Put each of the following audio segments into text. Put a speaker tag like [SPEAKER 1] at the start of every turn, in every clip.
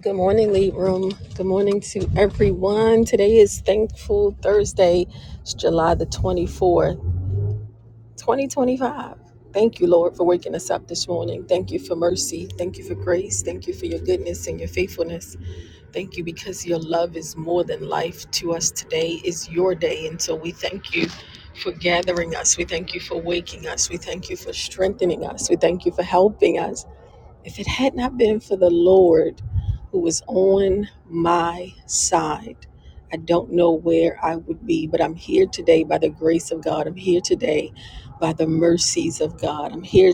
[SPEAKER 1] Good morning, Lead Room. Good morning to everyone. Today is Thankful Thursday. It's July the 24th, 2025. Thank you, Lord, for waking us up this morning. Thank you for mercy. Thank you for grace. Thank you for your goodness and your faithfulness. Thank you because your love is more than life to us. Today is your day. And so we thank you for gathering us. We thank you for waking us. We thank you for strengthening us. We thank you for helping us. If it had not been for the Lord who was on my side, I don't know where I would be, but I'm here today by the grace of God. I'm here today by the mercies of God. I'm here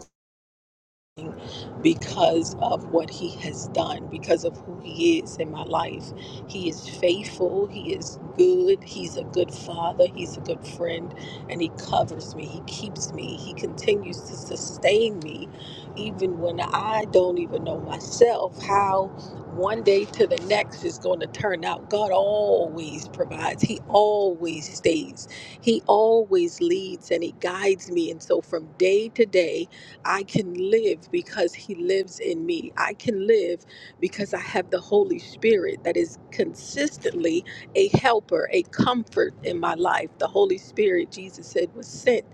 [SPEAKER 1] because of what he has done, because of who he is in my life. He is faithful, he is good, he's a good father, he's a good friend, and he covers me, he keeps me, he continues to sustain me, even when I don't even know myself how one day to the next is going to turn out. God always provides, he always stays, he always leads, and he guides me. And so from day to day, I can live because He lives in me. I can live because I have the Holy Spirit that is consistently a helper, a comfort in my life. The Holy Spirit, Jesus said, was sent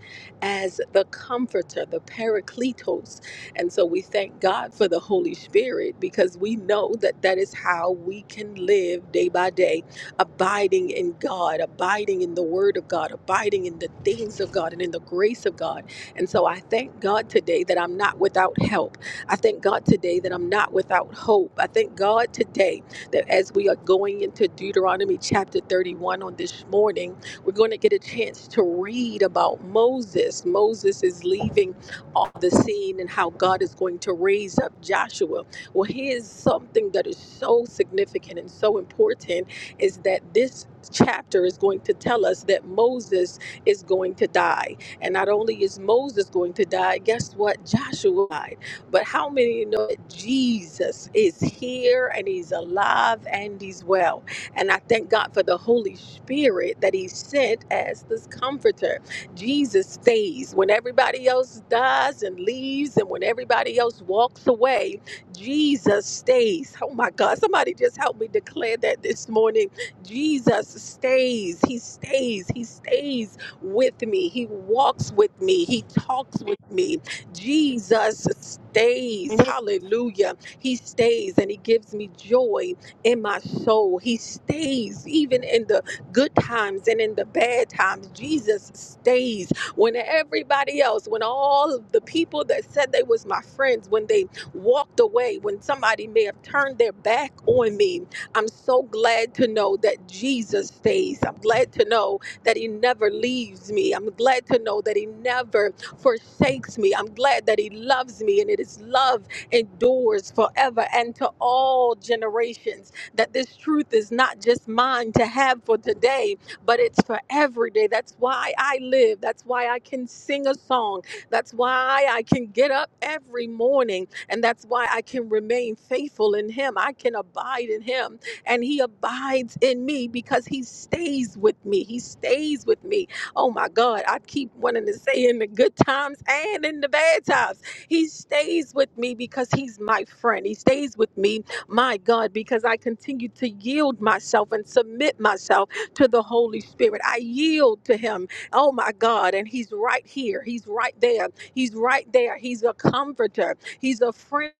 [SPEAKER 1] as the comforter, the paracletos. And so we thank God for the Holy Spirit because we know that that is how we can live day by day, abiding in God, abiding in the Word of God, abiding in the things of God, and in the grace of God and so I thank God today that I'm not without help. I thank God today that I'm not without hope. I thank God today that as we are going into Deuteronomy chapter 31 on this morning, we're going to get a chance to read about Moses. Moses is leaving off the scene and how God is going to raise up Joshua. Well, here's something that is so significant and so important is that this chapter is going to tell us that Moses is going to die. And not only is Moses going to die, guess what? Joshua died. But how many know that Jesus is here and he's alive and he's well? And I thank God for the Holy Spirit that he sent as this comforter. Jesus stays. When everybody else dies and leaves, and when everybody else walks away, Jesus stays. Oh my God, somebody just help me declare that this morning. Jesus stays. He stays. He stays with me. He walks with me. He talks with me. Jesus stays.
[SPEAKER 2] Can
[SPEAKER 1] Hallelujah. He stays and he gives me joy in my soul. He stays even in the good times and in the bad times. Jesus stays when everybody else, when all of the people that said they was my friends, when they walked away, when somebody may have turned their back on me, I'm so glad to know that Jesus stays. I'm glad to know that He never leaves me. I'm glad to know that He never forsakes me. I'm glad that He loves me, and it is love endures forever and to all generations. That this truth is not just mine to have for today, but it's for every day. That's why I live. That's why I can sing a song. That's why I can get up every morning. And that's why I can remain faithful in Him. I can abide in Him and he abides in me because he stays with me. He stays with me. Oh my God, I keep wanting to say in the good times and in the bad times. He stays with me because he's my friend. He stays with me, my God, because I continue to yield myself and submit myself to the Holy Spirit. I yield to him. Oh my God, and he's right here. He's right there. He's right there. He's a comforter. He's a friend.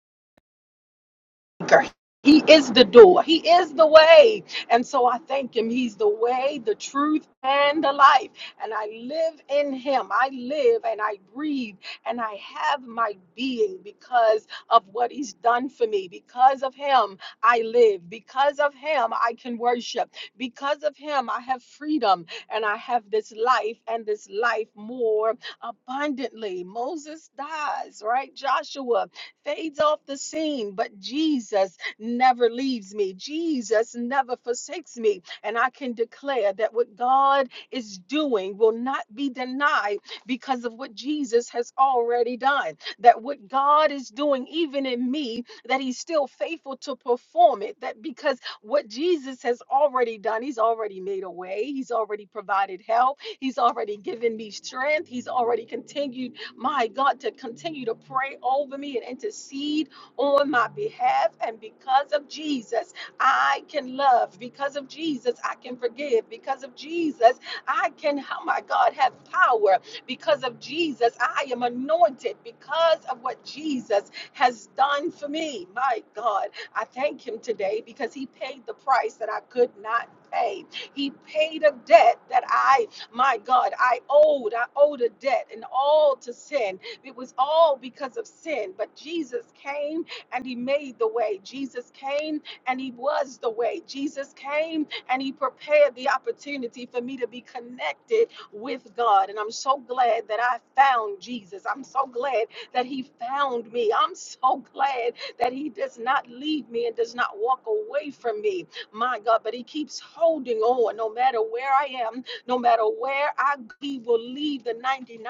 [SPEAKER 1] He is the door. He is the way. And so I thank him. He's the way, the truth, and the life. And I live in him. I live and I breathe and I have my being because of what he's done for me. Because of him, I live. Because of him, I can worship. Because of him, I have freedom and I have this life and this life more abundantly. Moses dies, right? Joshua fades off the scene, but Jesus never leaves me. Jesus never forsakes me. And I can declare that what God is doing will not be denied because of what Jesus has already done. That what God is doing, even in me, that He's still faithful to perform it. That because what Jesus has already done, He's already made a way, He's already provided help, He's already given me strength, He's already continued my God, to continue to pray over me and intercede on my behalf. And because of Jesus, I can love. Because of Jesus, I can forgive. Because of Jesus, I can, oh my God, have power. Because of Jesus, I am anointed because of what Jesus has done for me. My God, I thank him today because he paid the price that I could not pay. He paid a debt that I my God, I owed, I owed a debt and all to sin. It was all because of sin, but Jesus came and he made the way. Jesus came and he was the way. Jesus came and he prepared the opportunity for me to be connected with God. And I'm so glad that I found Jesus. I'm so glad that he found me. I'm so glad that he does not leave me and does not walk away from me. My God, but he keeps holding on no matter where I am, no matter where I go, he will leave the 99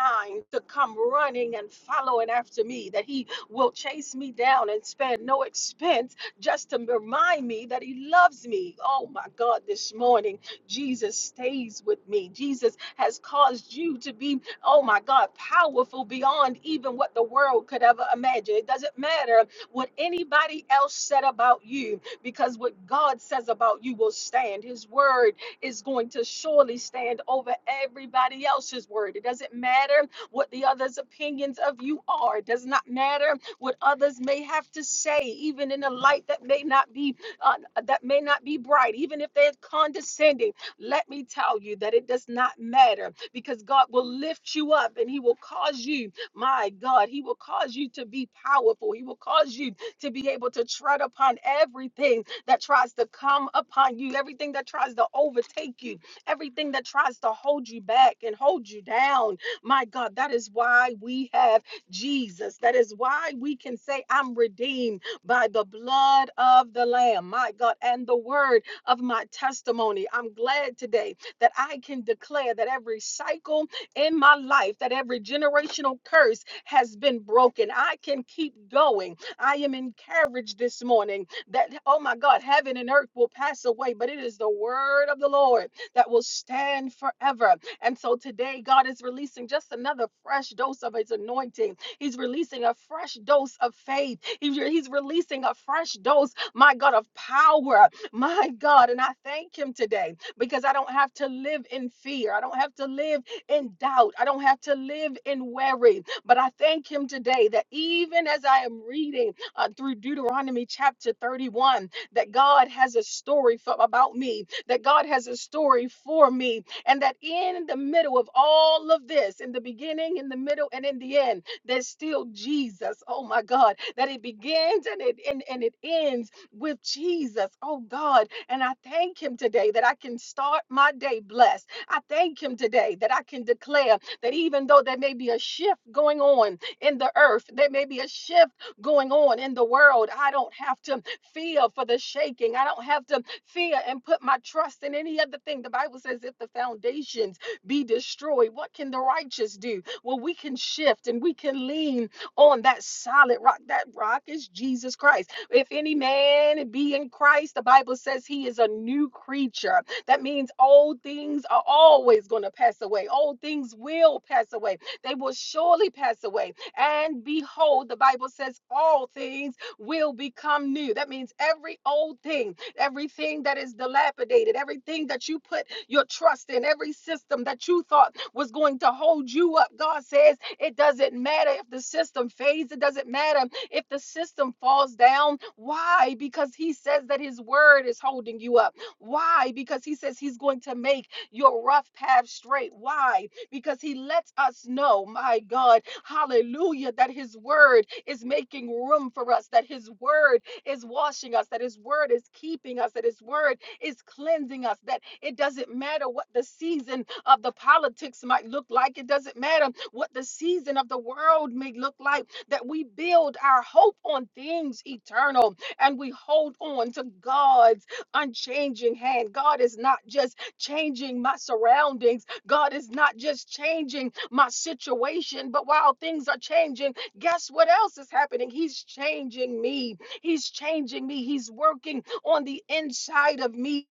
[SPEAKER 1] to come running and following after me, that he will chase me down and spend no expense just to remind me that he loves me. Oh my God, this morning, Jesus stays with me. Jesus has caused you to be, oh my God, powerful beyond even what the world could ever imagine. It doesn't matter what anybody else said about you, because what God says about you will stand. His word is going to surely stand over everybody else's word. It doesn't matter what the others' opinions of you are, it does not matter what others may have to say, even in a light that may not be uh, that may not be bright, even if they're condescending. Let me tell you that it does not matter because God will lift you up and He will cause you, my God, He will cause you to be powerful. He will cause you to be able to tread upon everything that tries to come upon you, everything that tries to overtake you, everything that tries to hold you back and hold you down. My God, that is why we have Jesus. That is why we can say, I'm redeemed by the blood of the Lamb, my God, and the word of my testimony. I'm glad today that I can declare that every cycle in my life, that every generational curse has been broken. I can keep going. I am encouraged this morning that oh my God, heaven and earth will pass away, but it is the word of the Lord that will stand forever. And so today, God is releasing just another fresh dose of His anointing. He's releasing a fresh dose of faith. He's, he's releasing a fresh dose, my God, of power. My God, and I thank Him today because I don't have to live in fear. I don't have to live in doubt. I don't have to live in worry. But I thank Him today that even as I am reading uh, through Deuteronomy chapter 31 that God has a story for, about me, that God has a story for me, and that in the middle of all of this, in the beginning, in the middle, and in the end, there's still Jesus. Oh my God, that it begins and it and, and it ends with Jesus. Oh God, and I thank Him today that I can start my day blessed. I thank Him today that I can declare that even though there may be a shift going on in the earth, there may be a shift going on in the world. I don't have to fear for the shaking. I don't have to fear and put my trust in any other thing. The Bible says, if the foundations be destroyed, what can the righteous do? Well, we can shift and we can lean on that solid rock. That rock is Jesus Christ. If any man be in Christ, the Bible says he is a new creature. That means old things are always going to pass away, old things will pass away, they will surely pass away and behold, the Bible says all things will become new. That means every old thing, everything that is dilapidated, everything that you put your trust in, every system that you thought was going to hold you up. God says it doesn't matter if the system fades, it doesn't matter if the system falls down. Why? Because He says that His word is holding you up. Why? Because He says He's going to make your rough path straight. Why? because he lets us know, my God, hallelujah, that his word is making room for us, that his word is washing us, that his word is keeping us, that his word is cleansing us, that it doesn't matter what the season of the politics might look like, it doesn't matter what the season of the world may look like, that we build our hope on things eternal and we hold on to God's unchanging hand. God is not just changing my surroundings. God is not just changing my situation, but while things are changing, guess what else is happening? He's changing me. He's changing me. He's working on the inside of me.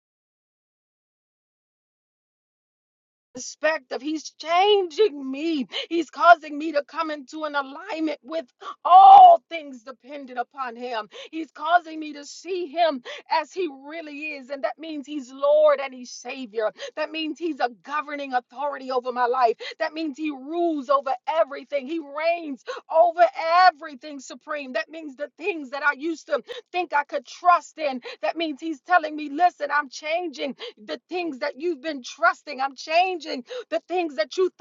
[SPEAKER 1] Perspective. He's changing me. He's causing me to come into an alignment with all things dependent upon Him. He's causing me to see Him as He really is. And that means He's Lord and He's Savior. That means He's a governing authority over my life. That means rules over everything. He reigns over everything supreme. That means the things that I used to think I could trust in. That means he's telling me, listen, I'm changing the things that you've been trusting. I'm changing the things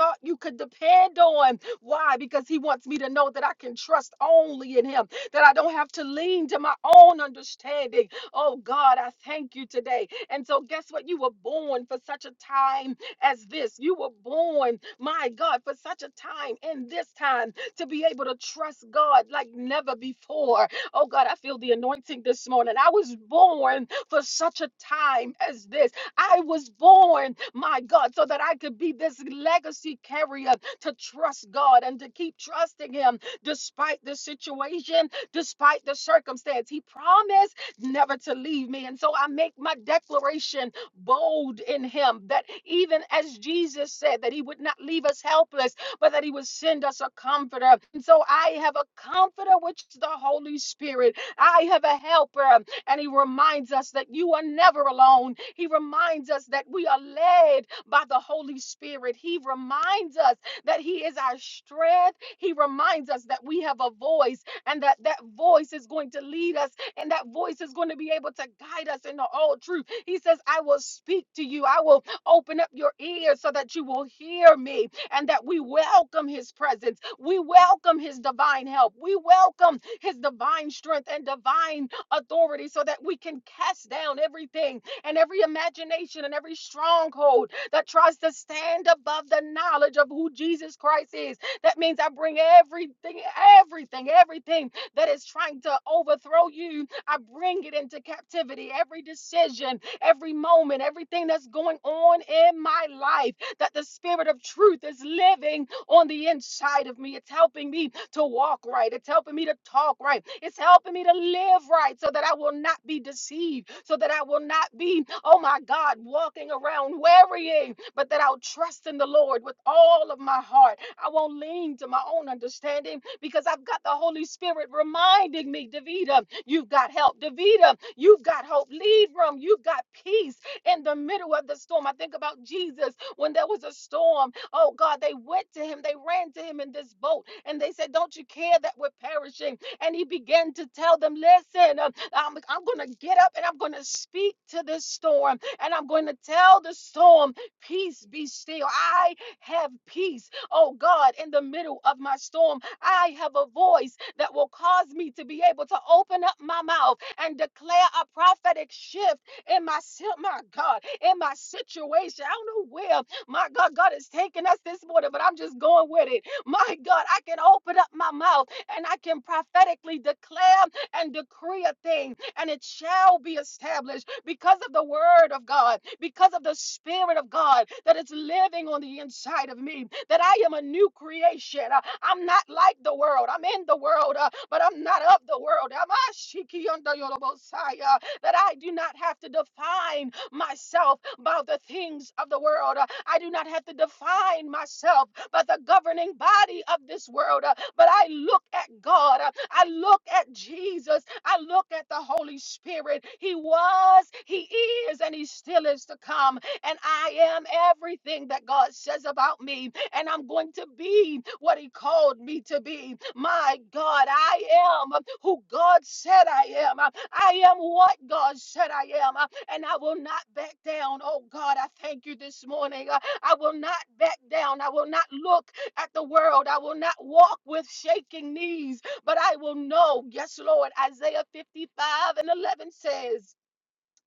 [SPEAKER 1] thought you could depend on. Why? Because he wants me to know that I can trust only in him, that I don't have to lean to my own understanding. Oh God, I thank you today. And so, guess what? You were born for such a time as this. You were born, my God, for such a time in this time to be able to trust God like never before. Oh God, I feel the anointing this morning. I was born for such a time as this. I was born, my God, so that I could be this legacy carrier to trust God and to keep trusting Him despite the situation, despite the circumstance. He promised never to leave me. And so I make my declaration bold in Him that even as Jesus said that He would not leave us helpless, but that He would send us a comforter. And so I have a comforter, which is the Holy Spirit. I have a helper, and He reminds us that you are never alone he reminds us that we are led by the Holy Spirit. He reminds us that He is our strength. He reminds us that we have a voice and that that voice is going to lead us and that voice is going to be able to guide us into all truth. He says, I will speak to you. I will open up your ears so that you will hear me and that we welcome His presence. We welcome His divine help. We welcome His divine strength and divine authority so that we can cast down everything and every imagination and every stronghold that tries to stand above the knowledge of who Jesus Christ is. That means I bring everything, everything, everything that is trying to overthrow you, I bring it into captivity. Every decision, every moment, everything that's going on in my life that the spirit of truth is living on the inside of me. It's helping me to walk right. It's helping me to talk right. It's helping me to live right so that I will not be deceived, so that I will not be, oh my God, walking around worrying, but that I'll trust in the Lord with all of my heart. I won't lean to my own understanding because I've got the Holy Spirit reminding me, Davida, you've got help. Davida, you've got hope. Leave room. You've got peace in the middle of the storm. I think about Jesus when there was a storm Oh God, they went to him, they ran to him in this boat, and they said, Don't you care that we're perishing? And he began to tell them, Listen, um, I'm, I'm going to get up and I'm going to speak to this storm, and I'm going to tell the storm, Peace be still. I have peace. Oh God, in the middle of my storm, I have a voice that will cause me to be able to open up my mouth and declare a prophetic shift in my, si- my God, in my situation. I don't know where my God, God is taking us this morning, but I'm just going with it. My God, I can open up my mouth and I can prophetically declare and decree a thing, and it shall be established because of the word of God, because of the spirit of God that is living on the inside of me, that I am a new creation. Uh, I'm not like the world. I'm in the world, uh, but I'm not of the world. Am I shiki under That I do not have to define myself by the things of the world. Uh, I do not have to define myself by the governing body of this world, uh, but I look at God. Uh, I look at Jesus. I look at the Holy Spirit. He was, He is, and He still is to come. And I am everything that God says about me. And I'm going to be what He called me to be. My God, I am who God said I am. I am what God said I am and I will not back down. Oh God, I thank you this morning. Uh, I will not back down. I will not look at the world. I will not walk with shaking knees, but I will know. Yes, Lord. Isaiah 55 and 11 says,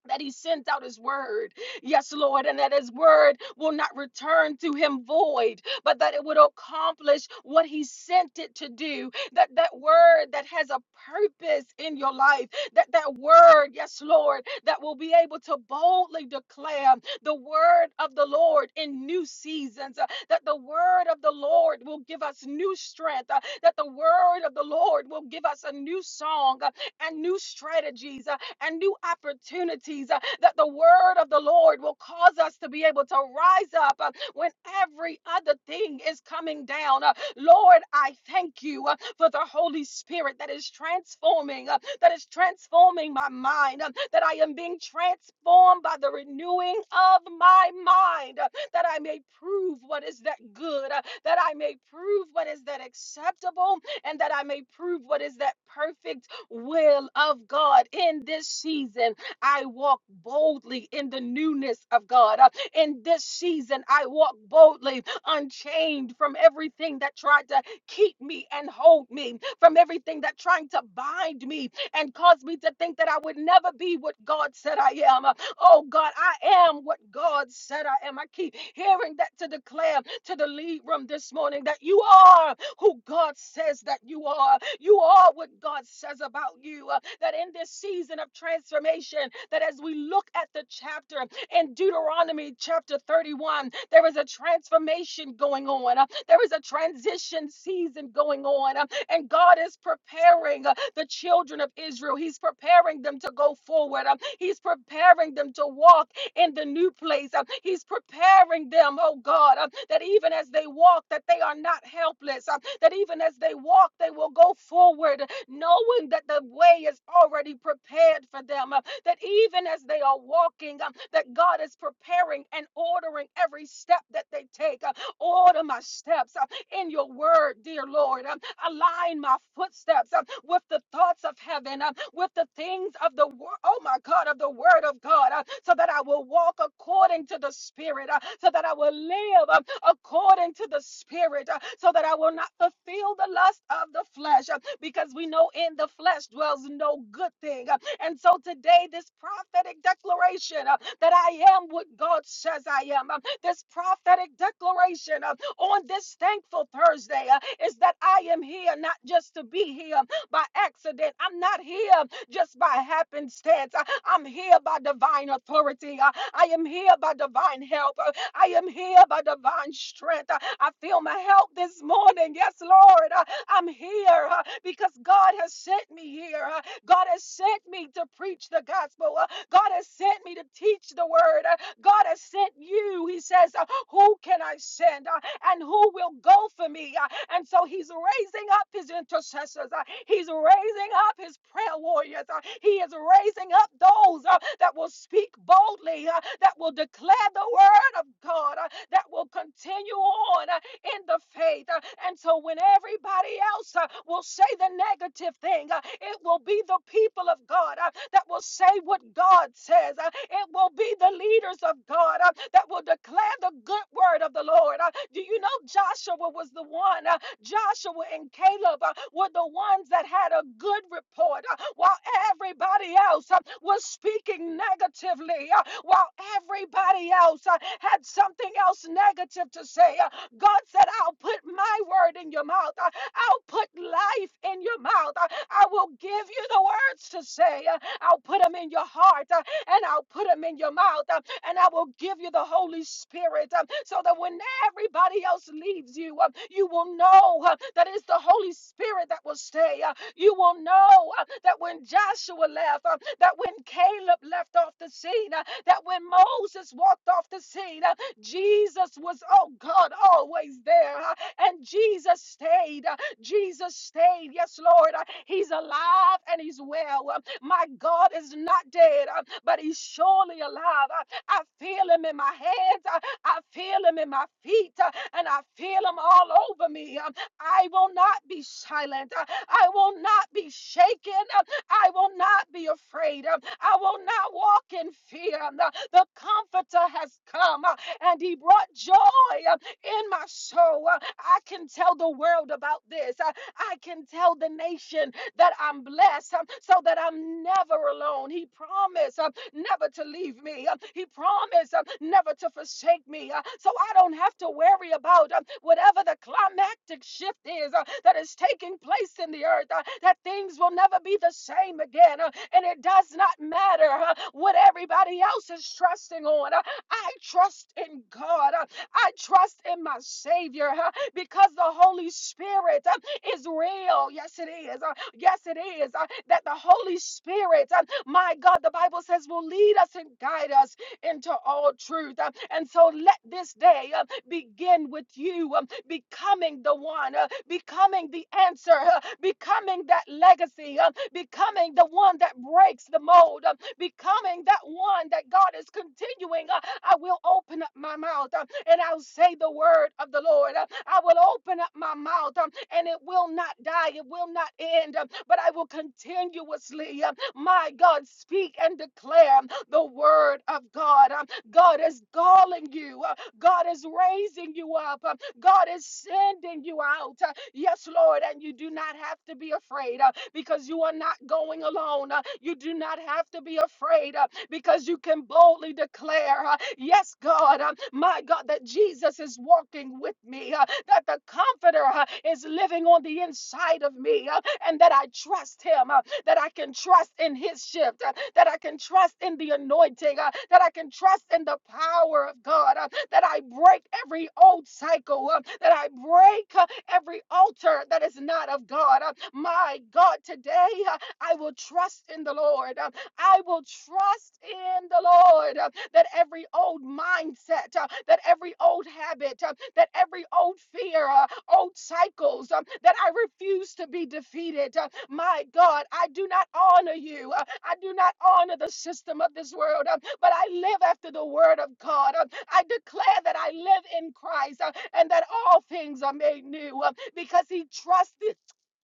[SPEAKER 1] that he sends out his word. Yes, Lord, and that his word will not return to him void, but that it would accomplish what he sent it to do. That that word that has a purpose in your life, that that word, yes, Lord, that will be able to boldly declare the word of the Lord in new seasons, uh, that the word of the Lord will give us new strength, uh, that the word of the Lord will give us a new song uh, and new strategies, uh, and new opportunities, uh, that the word of the Lord will cause us to be able to rise up uh, when every other thing is coming down. Uh, Lord, I thank you uh, for the Holy Spirit that is transforming, uh, that is transforming my mind, uh, that I am being transformed by the renewing of my mind, uh, that I may prove what is that good, uh, that I may prove what is that acceptable, and that I may prove what is that perfect will of God in this season. I walk boldly in the newness of God. Uh, In this season, I walk boldly, unchained from everything that tried to keep me and hold me, from everything that trying to bind me and cause me to think that I would never be what God said I am. Uh, Oh God, I am what God said I am. I keep hearing that to declare to the lead room this morning that you are who God says that you are. You are what God says about you. uh, That in this season of transformation, that as we look at the chapter in Deuteronomy chapter 31, there is a transformation going on. uh, There is a transition season going on. uh, And God is preparing uh, the children of Israel. He's preparing them to go forward. uh, He's preparing them to walk in the new place. Uh, He's preparing them, oh God, uh, that even as they walk, that they are not helpless, uh, that even as they walk, they will go forward, knowing that the way is already prepared for them, uh, that even as they are walking, um, that God is preparing and ordering every step that they take. uh, Order my steps. Uh, in your word, dear Lord. Um, Align my footsteps um, with the thoughts of heaven, um, with the things of the word, oh my God, of the word of God, uh, so that I will walk according to the spirit, uh, so that I will live um, according to the spirit, uh, so that I will not fulfill the lust of the flesh, uh, because we know in the flesh dwells no good thing. Uh, and so today, this prophetic declaration uh, that I am what God says I am, uh, this prophetic declaration uh, on this thankful Thursday uh, is that I am here not just to be here by accident. I'm not here just by happenstance. I, am here by divine authority. Uh, I am here by divine help. Uh, I am here by divine strength. Uh, I feel my help this morning. Yes, Lord. Uh, I'm here uh, because God has sent me here. Uh, God has sent me to preach the gospel. Uh, God has sent me to teach the word. Uh, God has sent you. He says, uh, Who can I send? Uh, and who will go for me. Uh, And so he's raising up his intercessors. Uh, He's raising up his prayer warriors. Uh, He is raising up those uh, that will speak boldly, uh, that will declare the word of God, uh, that will continue on. uh, in the faith. Uh, And so when everybody else uh, will say the negative thing, uh, it will be the people of God uh, that will say what God says. Uh, It will be the leaders of God uh, that will declare the good word of the Lord. Uh, Do you know Joshua was the one uh, Joshua and Caleb uh, were the ones that had a good report, uh, while everybody else uh, was speaking negatively, uh, while everybody else uh, had something else negative to say. uh, God said, I'll put my word in your mouth. I- I'll put life in your mouth. I I will give you the words to say. Uh, I'll put them in your heart uh, and I'll put them in your mouth. uh, And I will give you the Holy Spirit uh, so that when everybody else leaves you, uh, you will know uh, that it's the Holy Spirit that will stay. uh, You will know uh, that when Joshua left, uh, that when Caleb left off the scene, uh, that when Moses walked off the scene, uh, Jesus was, oh God, always there. huh, And Jesus stayed. uh, Jesus stayed. Yes, Lord. uh, He's alive and he's well. Uh, My God is not dead, uh, but he's surely alive. Uh, I feel him in my hands. uh, I feel him in my feet. uh, And I feel him all over me. Um, I will not be silent. Uh, I will not be shaken. Uh, I will not be afraid. Uh, I will not walk in fear. Uh, The comforter has come. Uh, and he brought joy uh, in my soul. Uh, I can tell the world about this. Uh, I can tell the nation that I'm blessed um, so that I'm never alone. He promised um, never to leave me. um, He promised um, never to forsake me. uh, So I don't have to worry about um, whatever the climactic shift is uh, that is taking place in the earth, uh, that things will never be the same again. uh, And it does not matter uh, what everybody else is trusting on. uh, I trust in God. Uh, I trust in my Savior huh, because the Holy Spirit uh, is real. Yes, it is. Uh, Yes, it is. uh, That the Holy Spirit, uh, my God, the Bible says, will lead us and guide us into all truth. Uh, And so let this day uh, begin with you um, becoming the one, uh, becoming the answer, uh, becoming that legacy, uh, becoming the one that breaks the mold, uh, becoming that one that God is continuing. uh, I will open up my mouth uh, and I'll say the word of the Lord. uh, I will open up my mouth um, and it will not die, it will not end, um, but I will continuously, um, my God, speak and declare um, the word of God. um, God is calling you. Uh, God is raising you up. Uh, God is sending you out. Uh, Yes, Lord. And you do not have to be afraid uh, because you are not going alone. Uh, You do not have to be afraid uh, because you can boldly declare, uh, Yes, God, uh, my God, that Jesus is walking with me, uh, that the Comforter uh, is living on the inside of me, uh, and that I trust Him, uh, that I can trust in His shift, uh, that I can trust in the anointing, uh, that I can trust in the power of God. uh, that I break every old cycle, uh, that I break uh, every altar that is not of God. Uh, My God, today uh, I will trust in the Lord. Uh, I will trust in the Lord uh, that every old mindset, uh, that every old habit, uh, that every old fear, uh, old cycles, um, that I refuse to be defeated. Uh, My God, I do not honor you. Uh, I do not honor the system of this world, uh, but I live after the word of God. Uh, I declare that I live in Christ uh, and that all things are made new uh, because he trusted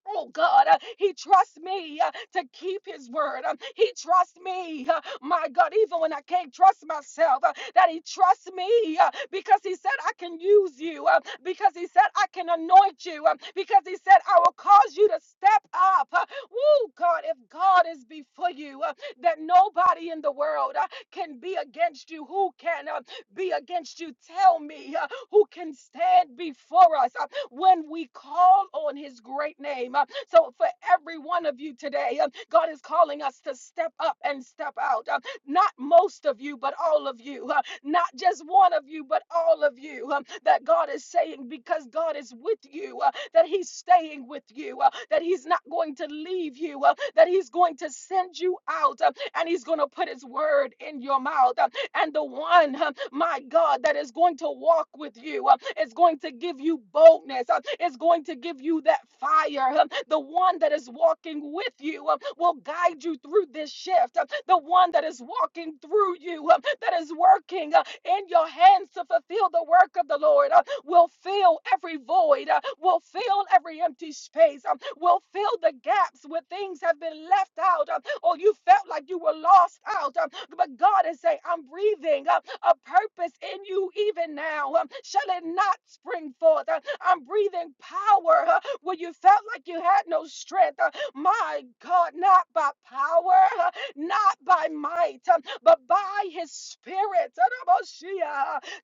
[SPEAKER 1] Oh God, uh, he trusts me uh, to keep his word. Um, he trusts me, uh, my God, even when I can't trust myself, uh, that he trusts me uh, because he said, I can use you, uh, because he said, I can anoint you, uh, because he said, I will cause you to step up. Uh, oh God, if God is before you, uh, that nobody in the world uh, can be against you. Who can uh, be against you? Tell me uh, who can stand before us. Uh, when we call on his great name. Uh, So, for every one of you today, um, God is calling us to step up and step out. Um, Not most of you, but all of you. Uh, Not just one of you, but all of you. Um, That God is saying, because God is with you, uh, that he's staying with you, uh, that he's not going to leave you, uh, that he's going to send you out, uh, and he's going to put his word in your mouth. Uh, And the one uh, my God, that is going to walk with you. uh, It's going to give you boldness. uh, It's going to give you that fire. uh, The one that is walking with you uh, will guide you through this shift. uh, The one that is walking through you, uh, that is working uh, in your hands to fulfill the work of the Lord. uh, will fill every void, uh, will fill every empty space, um, will fill the gaps where things have been left out um, or you felt like you were lost out. um, But God is saying, I'm breathing uh, a purpose in you even now. um, Shall it not spring forth? Uh, I'm breathing power uh, where you felt like you had no strength. Uh, My God, not by power, uh, not by might, um, but by his spirit. uh,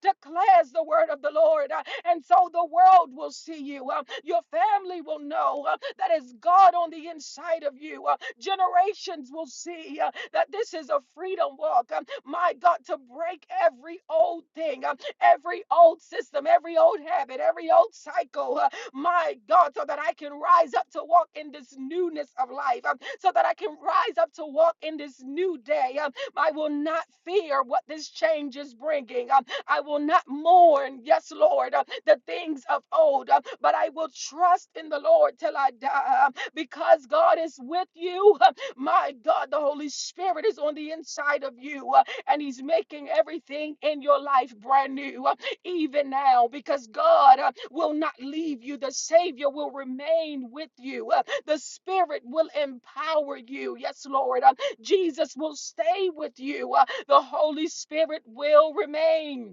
[SPEAKER 1] Declares the word of the Lord. uh, and so the world will see you. Uh, your family will know uh, that it's God on the inside of you. Uh, generations will see uh, that this is a freedom walk. Um, my God, to break every old thing, um, every old system, every old habit, every old cycle. uh, my God, so that I can rise up to walk in this newness of life, um, so that I can rise up to walk in this new day. Um, I will not fear what this change is bringing. Um, I will not mourn, yes, Lord, uh, the things of old, uh, but I will trust in the Lord till I die uh, because God is with you. Uh, My God, the Holy Spirit is on the inside of you uh, and He's making everything in your life brand new, uh, even now, because God uh, will not leave you. The Savior will remain with you, uh, the Spirit will empower you. Yes, Lord. Uh, Jesus will stay with you, uh, the Holy Spirit will remain.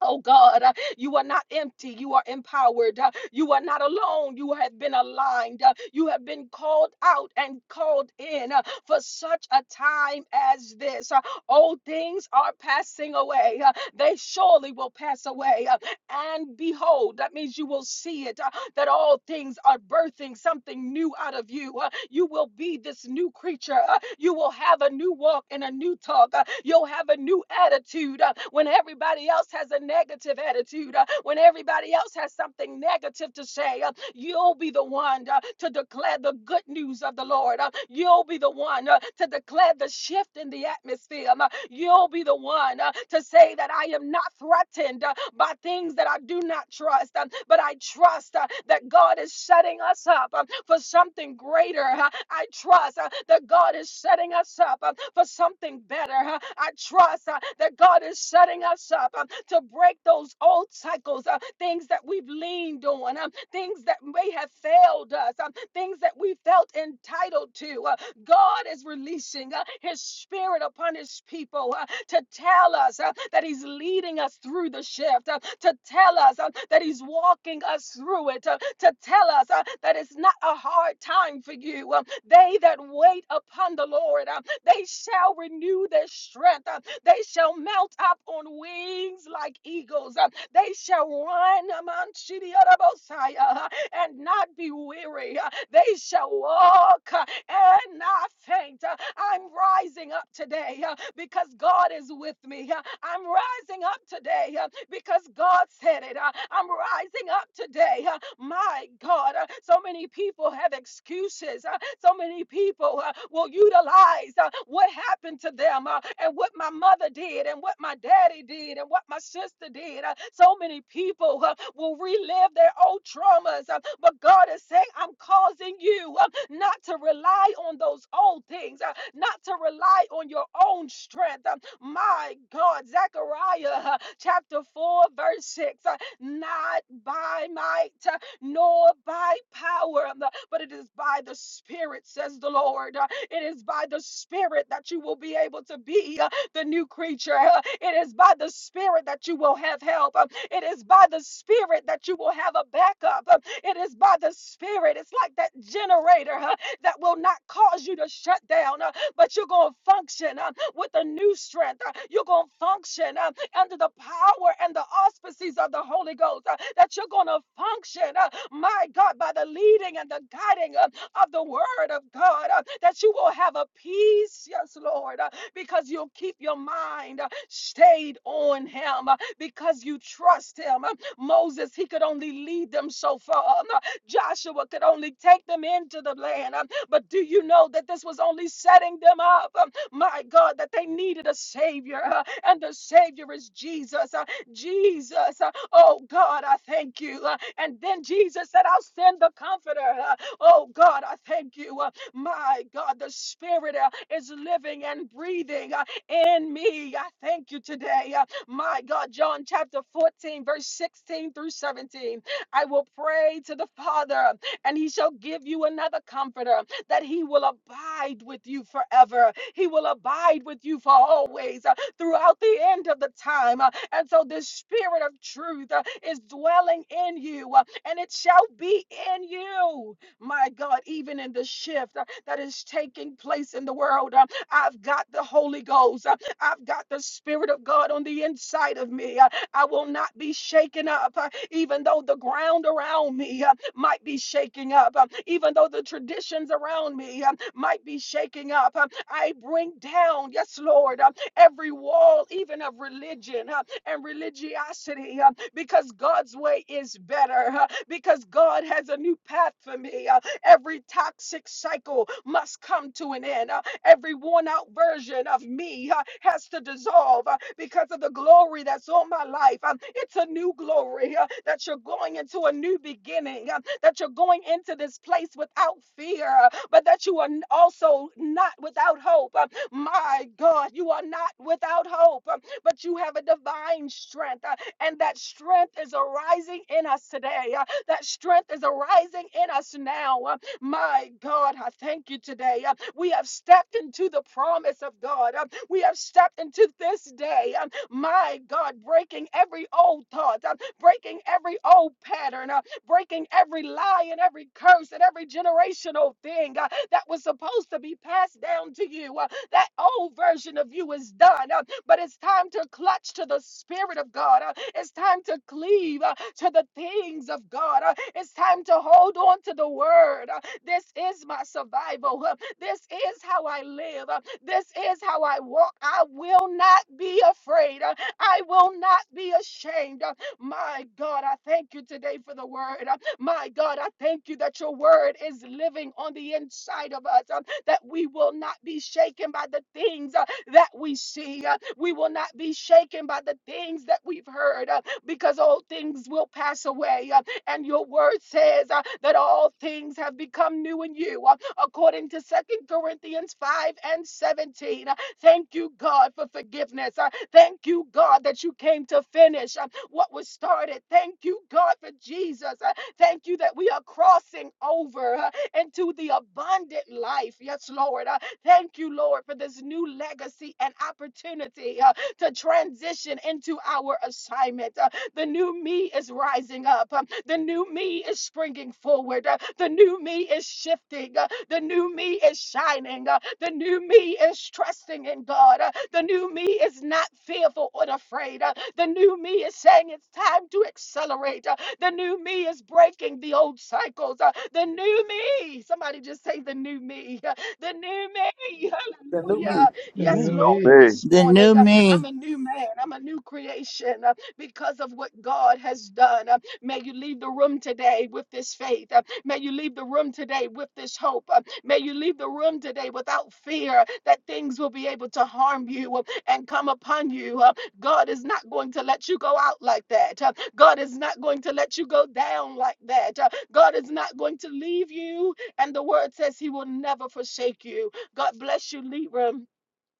[SPEAKER 1] Oh God, uh, you are not empty. You are empowered. uh, You are not alone. You have been aligned. uh, You have been called out and called in uh, for such a time as this. Uh, Old things are passing away. uh, They surely will pass away. Uh, and behold. That means you will see it, uh, that all things are birthing something new out of you. uh, you will be this new creature. uh, you will have a new walk and a new talk. uh, you'll have a new attitude uh, when everybody else has a negative attitude, uh, when everybody else has something negative to say. uh, you'll be the one uh, to declare the good news of the Lord. uh, you'll be the one uh, to declare declare the shift in the atmosphere. Um, uh, You'll be the one uh, to say that I am not threatened uh, by things that I do not trust, um, but I trust uh, that God is setting us up um, for something greater. uh, I trust uh, that God is setting us up um, for something better. uh, I trust uh, that God is setting us up um, to break those old cycles, uh, things that we've leaned on, um, things that may have failed us, um, things that we felt entitled to, uh, God is releasing uh, his spirit upon his people uh, to tell us uh, that he's leading us through the shift, uh, to tell us uh, that he's walking us through it, uh, to tell us uh, that it's not a hard time for you. Um, they that wait upon the Lord, uh, they shall renew their strength. uh, they shall mount up on wings like eagles. uh, they shall run. um, on Shidi Arabosai, uh, and not be weary. Uh, They shall walk uh, and not faint. Uh, I'm rising up today uh, because God is with me. Uh, I'm rising up today uh, because God said it. Uh, I'm rising up today. uh, My God, uh, so many people have excuses. uh, So many people uh, will utilize uh, what happened to them uh, and what my mother did and what my daddy did and what my sister did. Uh, so many people uh, will relive their old traumas, uh, but God is saying, I'm causing you uh, not to rely on those old things, uh, not to rely on your own strength. Um, my God, Zechariah uh, chapter 4, verse 6 uh, not by might, uh, nor by power, um, but it is by the Spirit, says the Lord. Uh, It is by the Spirit that you will be able to be uh, the new creature. Uh, It is by the Spirit that you will have help. Um, It is by the Spirit that you will have a backup. Um, It is by the Spirit. It's like that generator huh, that will not cause you to shut down, uh, but you're going to function uh, with a new strength. Uh, You're going to function. uh, under the power and the auspices of the Holy Ghost, uh, that you're going to function, uh, my God, by the leading and the guiding uh, of the Word of God, uh, that you will have a peace, yes, Lord, uh, because you'll keep your mind uh, stayed on Him, uh, because you trust Him. Uh, Moses, he could only lead them so far. Uh, Joshua could only take them into the land. Um, But do you know that this was only setting them up? uh, my God, that they needed a Savior, uh, and the Savior is Jesus. uh, Jesus, uh, oh God, I thank you. uh, And then Jesus said, I'll send the Comforter. uh, Oh God, I thank you. uh, My God, the Spirit uh, is living and breathing uh, in me. I thank you today. uh, My God, John chapter 14, verse 16 through 17. I will pray to the Father, and he shall give you another comforter that he will abide with you forever. He will abide with you for always uh, throughout the end of the time. uh, And so this spirit of truth uh, is dwelling in you, uh, and it shall be in you. My God, even in the shift uh, that is taking place in the world, uh, I've got the Holy Ghost. uh, I've got the Spirit of God on the inside of me. uh, I will not be shaken up, uh, even though the ground around me. uh, might be shaking up, um, even though the traditions around me um, might be shaking up. um, I bring down, yes, Lord, um, every wall, even of religion uh, and religiosity, uh, because God's way is better, uh, because God has a new path for me. uh, every toxic cycle must come to an end. Uh, Every worn out version of me uh, has to dissolve uh, because of the glory that's on my life. Um, it's a new glory uh, that you're going into a new beginning, uh, that you're going into this place without fear, uh, but that you are n- also not without hope. Uh, my God, you are not without hope, uh, but you have a divine strength, uh, and that strength is arising in us today. uh, that strength is arising in us now. Uh, my God, I thank you today. Uh, We have stepped into the promise of God. Uh, We have stepped into this day. Um, My God, breaking every old thought, um, breaking every old pattern, uh, breaking every lie and every curse and every generational thing uh, that was supposed to be passed down to you. Uh, That old version of you is done, uh, but it's time to clutch to the Spirit of God. uh, It's time to cleave uh, to the things of God. uh, It's time to hold on to the Word. Uh, this is my survival. Huh? This is how I live. Huh? This is how I walk. I will not be afraid. Huh? I will not be ashamed. Huh? My God, I thank you today for the word. Huh? My God, I thank you that your word is living on the inside of us, um, that we will not be shaken by the things uh, that we see. uh, We will not be shaken by the things that we've heard, uh, because all things will pass away. Uh, and your word says uh, that all things have become new in you, uh, according to Second Corinthians 5 and 17. Uh, Thank you, God, for forgiveness. Uh, Thank you, God, that you came to finish uh, what was started. Thank you, God, for Jesus. Uh, Thank you that we are crossing over uh, into the abundant life. Yes, Lord. Uh, Thank you, Lord, for this new legacy and opportunity uh, to transition into our assignment. Uh, the new me is rising up. Um, The new me is springing forward. Uh, The new me is shifting. Uh, The new me is shining. Uh, The new me is trusting in God. Uh, The new me is not fearful or afraid. Uh, The new me is saying it's time to accelerate. Uh, The new me is breaking the old cycles. Uh, The new me, somebody just say the new me. Uh, The new me,
[SPEAKER 3] The new me.
[SPEAKER 1] hallelujah.
[SPEAKER 4] the
[SPEAKER 1] Yes,
[SPEAKER 4] new
[SPEAKER 1] Lord,
[SPEAKER 4] me.
[SPEAKER 5] Hey.
[SPEAKER 1] this
[SPEAKER 6] The
[SPEAKER 1] morning.
[SPEAKER 6] new
[SPEAKER 1] uh,
[SPEAKER 6] me.
[SPEAKER 1] I'm a new man. I'm a new creation. Uh, because of what God has done. Uh, May you leave the room today with this faith. Uh, May you leave the room today with this hope. Uh, May you leave the room today without fear that things will be able to harm you uh, and come upon you. Uh, God is not going to let you go out like that. Uh, God is not going to let you go down like that. Uh, God is not going to leave you. And the word says he will never forsake you. God bless you, Libra.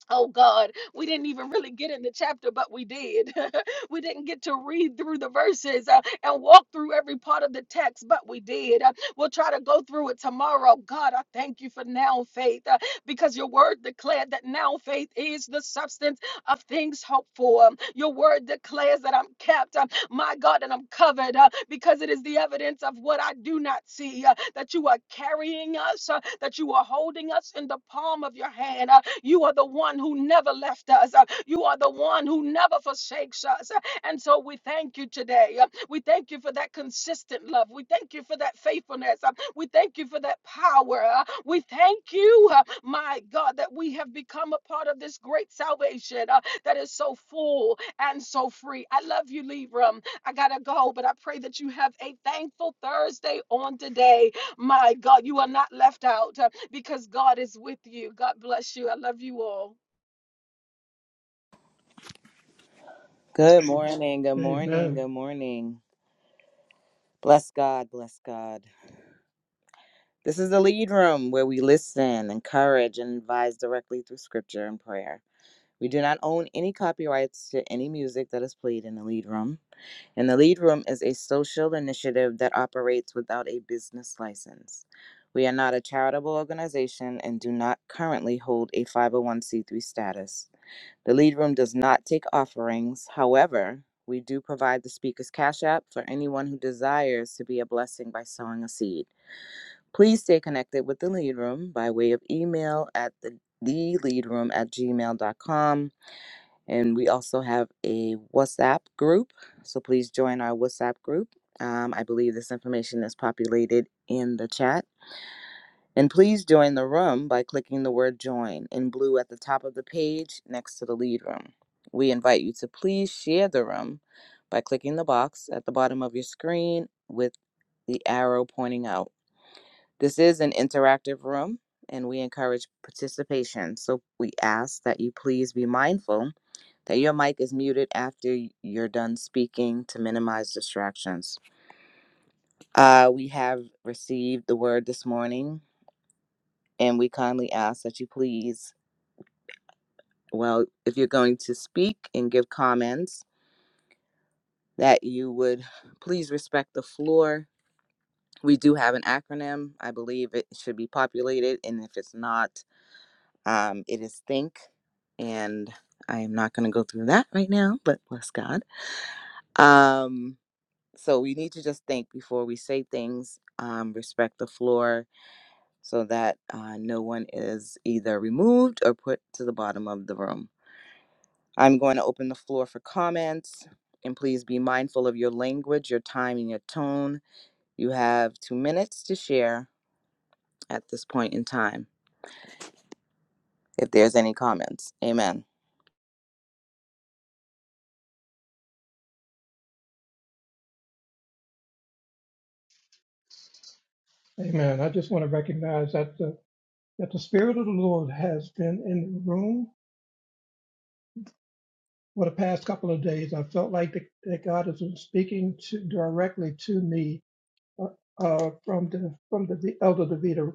[SPEAKER 1] Oh God, we didn't even really get in the chapter, but we did. we didn't get to read through the verses uh, and walk through every part of the text, but we did. Uh, we'll try to go through it tomorrow. God, I thank you for now faith uh, because your word declared that now faith is the substance of things hoped for. Um, Your word declares that I'm kept. Um, my God, and I'm covered uh, because it is the evidence of what I do not see uh, that you are carrying us, uh, that you are holding us in the palm of your hand. uh, you are the one who never left us, uh, you are the one who never forsakes us. uh, and so we thank you today. uh, we thank you for that consistent love. We thank you for that faithfulness. uh, we thank you for that power. uh, we thank you, uh, my God, that we have become a part of this great salvation uh, that is so full and so free. I love you, Libra. I got to go, but I pray that you have a thankful Thursday on today. My God, you are not left out uh, because God is with you. God bless you. I love you all.
[SPEAKER 7] Good morning, good morning,
[SPEAKER 4] Amen.
[SPEAKER 7] good morning. Bless God, bless God. This is the lead room where we listen, encourage, and advise directly through scripture and prayer. We do not own any copyrights to any music that is played in the lead room. And the lead room is a social initiative that operates without a business license. We are not a charitable organization and do not currently hold a 501c3 status. The lead room does not take offerings. However, we do provide the speaker's cash app for anyone who desires to be a blessing by sowing a seed. Please stay connected with the lead room by way of email at the the lead room at gmail dot com, And we also have a WhatsApp group, so please join our WhatsApp group. Um, I believe this information is populated in the chat. And please join the room by clicking the word join in blue at the top of the page next to the lead room. We invite you to please share the room by clicking the box at the bottom of your screen with the arrow pointing out. This is an interactive room and we encourage participation. So we ask that you please be mindful that your mic is muted after you're done speaking to minimize distractions. Uh, we have received the word this morning and we kindly ask that you please well, if you're going to speak and give comments, that you would please respect the floor. We do have an acronym. I believe it should be populated, and if it's not, um, it is THINK. And I am not going to go through that right now, but bless God. Um, so we need to just think before we say things, um, respect the floor so that uh, no one is either removed or put to the bottom of the room. I'm going to open the floor for comments. And please be mindful of your language, your time, and your tone. You have two minutes to share at this point in time, if there's any comments. Amen.
[SPEAKER 4] Amen. I just want to recognize that the, that the Spirit of the Lord has been in the room for the past couple of days. I felt like that that God has been speaking to, directly to me uh, uh, from the from the, the elder Davita.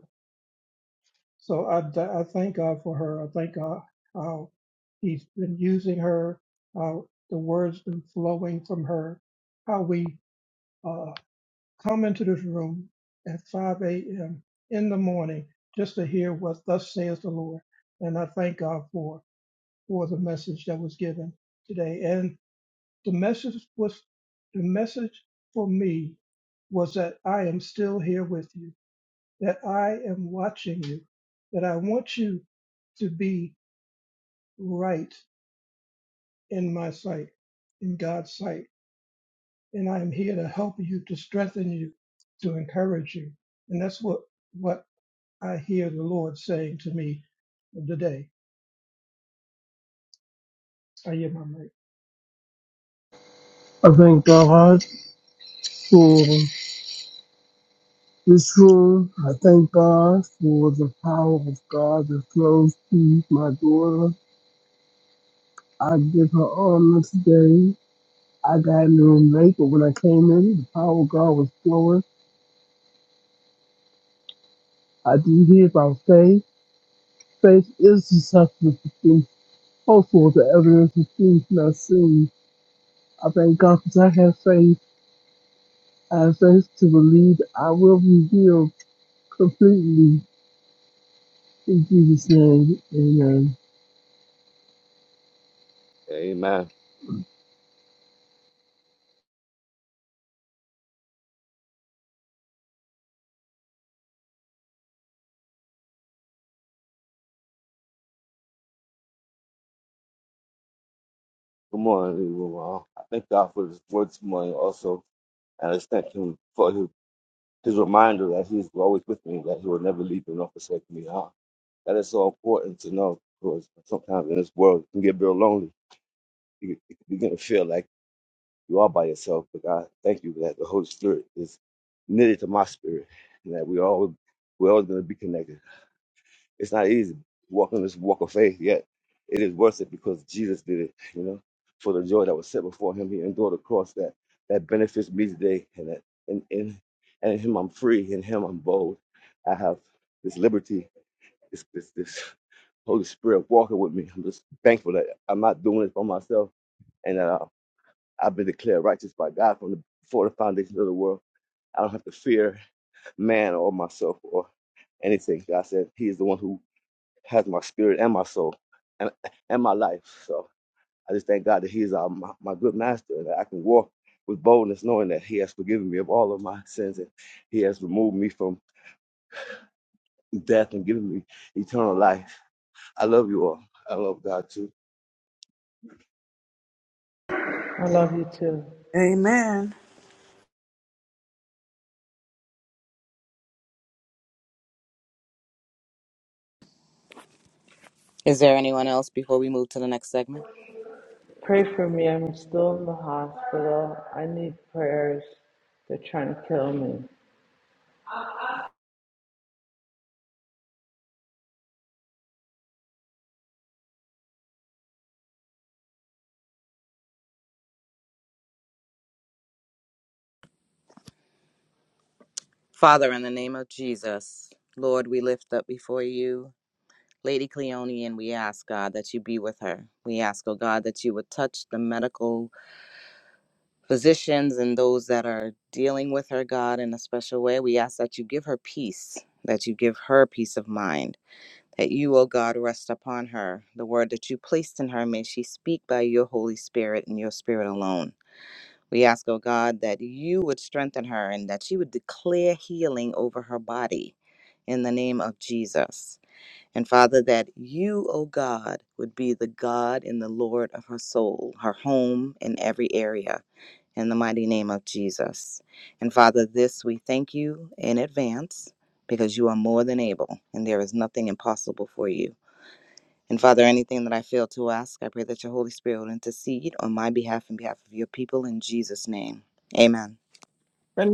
[SPEAKER 4] So I, I thank God for her. I thank God how He's been using her, how the words been flowing from her, how we. uh, come into this room at 5 a.m. in the morning just to hear what thus says the Lord. And I thank God for for the message that was given today. And the message was the message for me was that I am still here with you, that I am watching you, that I want you to be right in my sight, in God's sight. And I am here to help you, to strengthen you, to encourage you. And that's what what I hear the Lord saying to me today. I hear my mic.
[SPEAKER 8] I thank God for this room. I thank God for the power of God that flows through my daughter. I give her honor today. I got in the room late, but when I came in, the power of God was flowing. I do hear about faith. Faith is the substance of things hoped for, the evidence of things not seen. I thank God because I have faith. I have faith to believe I will be healed completely. In Jesus' name, amen.
[SPEAKER 5] Amen. Good morning, everyone. I thank God for his word this morning also. And I just thank him for his, his reminder that he's always with me, that he will never leave me nor forsake me. Uh, That is so important to know because sometimes in this world it can get real lonely. You, you begin to feel like you are by yourself. But God, thank you that the Holy Spirit is knitted to my spirit and that we all we're always going to be connected. It's not easy walking this walk of faith, yet it is worth it because Jesus did it, you know. For the joy that was set before him, he endured the cross that that benefits me today. And that in in and in him I'm free, in him I'm bold. I have this liberty, this this this Holy Spirit walking with me. I'm just thankful that I'm not doing it for myself and that I, I've been declared righteous by God from the, before the foundation of the world. I don't have to fear man or myself or anything. God said He is the one who has my spirit and my soul and and my life. So I just thank God that He's uh, my, my good master and that I can walk with boldness, knowing that He has forgiven me of all of my sins and He has removed me from death and given me eternal life. I love you all. I love God too.
[SPEAKER 9] I love you too.
[SPEAKER 3] Amen.
[SPEAKER 7] Is there anyone else before we move to the next segment?
[SPEAKER 9] Pray for me. I'm still in the hospital. I need prayers. They're trying to kill me.
[SPEAKER 7] Father, in the name of Jesus, Lord, we lift up before you Lady Cleone, and we ask, God, that you be with her. We ask, oh God, that you would touch the medical physicians and those that are dealing with her, God, in a special way. We ask that you give her peace, that you give her peace of mind, that you, O God, rest upon her. The word that you placed in her, may she speak by your Holy Spirit and your Spirit alone. We ask, O God, that you would strengthen her and that she would declare healing over her body in the name of Jesus. And Father, that you, O God, would be the God and the Lord of her soul, her home, in every area, in the mighty name of Jesus. And Father, this we thank you in advance because you are more than able and there is nothing impossible for you. And Father, anything that I fail to ask, I pray that your Holy Spirit will intercede on my behalf and behalf of your people in Jesus' name. Amen.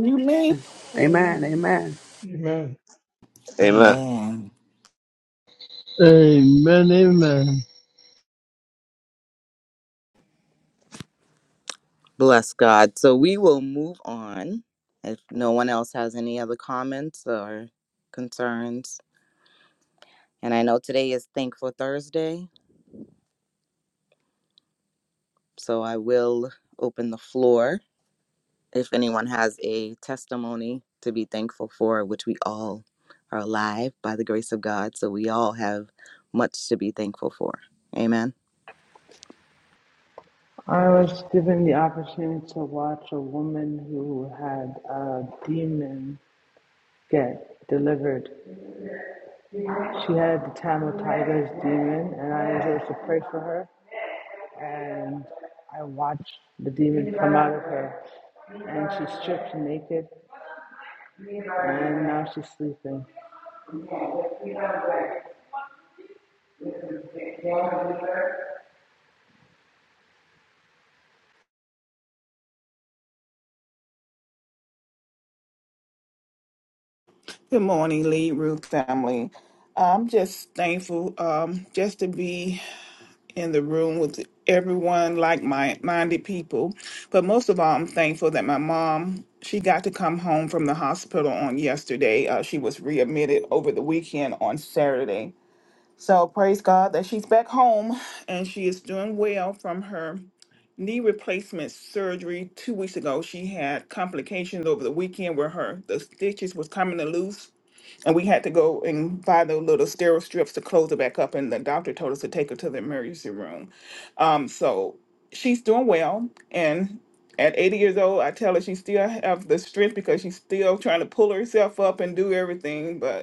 [SPEAKER 2] you leave?
[SPEAKER 3] Amen.
[SPEAKER 2] Good
[SPEAKER 3] Amen.
[SPEAKER 4] Amen.
[SPEAKER 5] Amen.
[SPEAKER 10] Amen.
[SPEAKER 8] Amen, amen.
[SPEAKER 7] Bless God. So we will move on. If no one else has any other comments or concerns, And I know today is Thankful Thursday, so I will open the floor if anyone has a testimony to be thankful for, which we all are alive by the grace of God. So we all have much to be thankful for. Amen.
[SPEAKER 9] I was given the opportunity to watch a woman who had a demon get delivered. She had the Tamil Tiger's demon, and I was able to pray for her. And I watched the demon come out of her. And she's stripped naked, and now she's sleeping.
[SPEAKER 2] morning, Lead Root family. I'm just thankful um, just to be in the room with everyone, like my minded people. But most of all, I'm thankful that my mom, she got to come home from the hospital on yesterday. Uh, she was readmitted over the weekend on Saturday. So praise God that she's back home and she is doing well from her knee replacement surgery two weeks ago. She had complications over the weekend where her the stitches was coming to loose, and we had to go and buy the little sterile strips to close it back up. And the doctor told us to take her to the emergency room. Um, so she's doing well, and at 80 years old, I tell her she still have the strength because she's still trying to pull herself up and do everything, but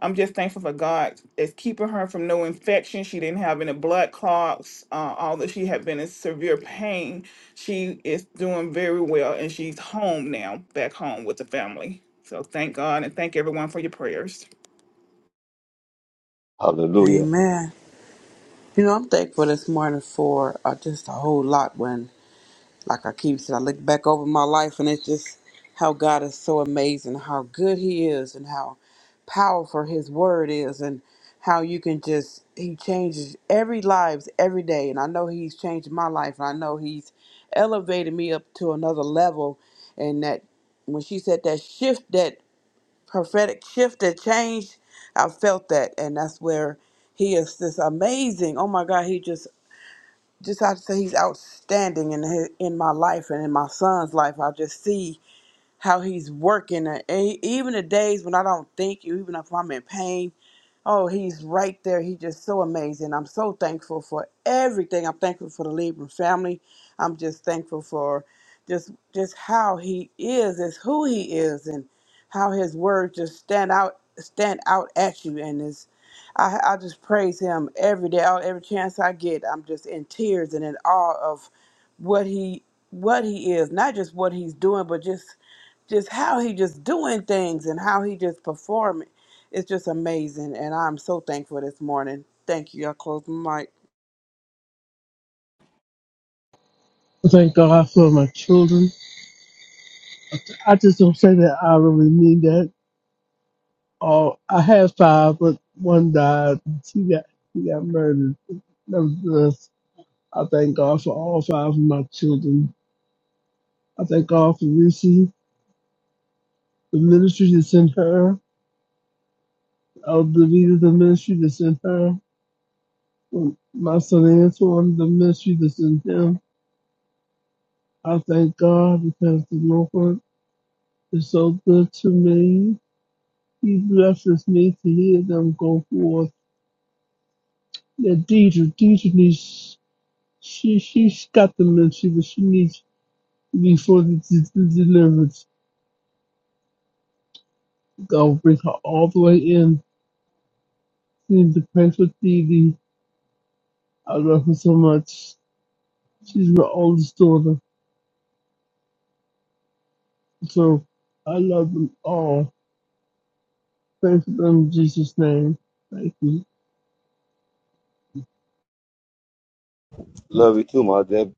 [SPEAKER 2] I'm just thankful for God is keeping her from no infection. She didn't have any blood clots. Uh, although she had been in severe pain, she is doing very well and she's home now, back home with the family. So thank God and thank everyone for your prayers.
[SPEAKER 5] Hallelujah.
[SPEAKER 3] Amen. You know, I'm thankful this morning for uh, just a whole lot when, like I keep saying, I look back over my life and it's just how God is so amazing, how good He is, and how powerful His word is, and how you can just, He changes every lives every day. And I know He's changed my life, and I know He's elevated me up to another level, and that when she said that shift that prophetic shift that changed. I felt that, and that's where he is this amazing. Oh my God, he just just I have to say he's outstanding in his, in my life and in my son's life. I just see how he's working. and e- Even the days when I don't think you, even if I'm in pain, oh, he's right there. He's just so amazing. I'm so thankful for everything. I'm thankful for the Libra family. I'm just thankful for just just how he is, is who he is, and how his words just stand out stand out at you. And is I, I just praise him every day, all- every chance I get. I'm just in tears and in awe of what he what he is, not just what he's doing, but just just how he just doing things and how he just performing. It's just amazing, and I'm so thankful this morning. Thank you. I close my mic.
[SPEAKER 8] I Thank God for my children. I just don't say that I really need that. Oh, I had five, but one died. She got she got murdered. Nevertheless, I thank God for all five of my children. I thank God for Reese, the ministry that's in her, of the leader, the ministry that's in her, my son Antoine, the ministry that's in him. I thank God because the Lord is so good to me. He blesses me to hear them go forth. Yeah, Deidre, Deidre needs, she, she's got dementia, but she needs to be fully d- d- delivered. I'll bring her all the way in. She needs to pray for Dee Dee. I love her so much. She's my oldest daughter. So I love them all. Pray for them in Jesus' name. Thank you.
[SPEAKER 5] Love you too, my Deb.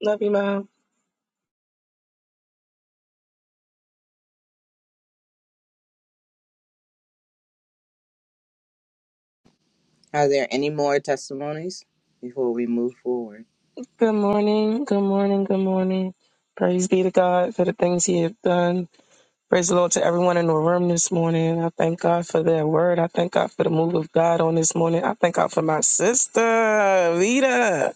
[SPEAKER 11] Love you, Mom.
[SPEAKER 7] Are there any more testimonies before we move forward?
[SPEAKER 11] Good morning. Good morning. Good morning. Praise be to God for the things He has done. Praise the Lord to everyone in the room this morning. I thank God for their word. I thank God for the move of God on this morning. I thank God for my sister, Vita.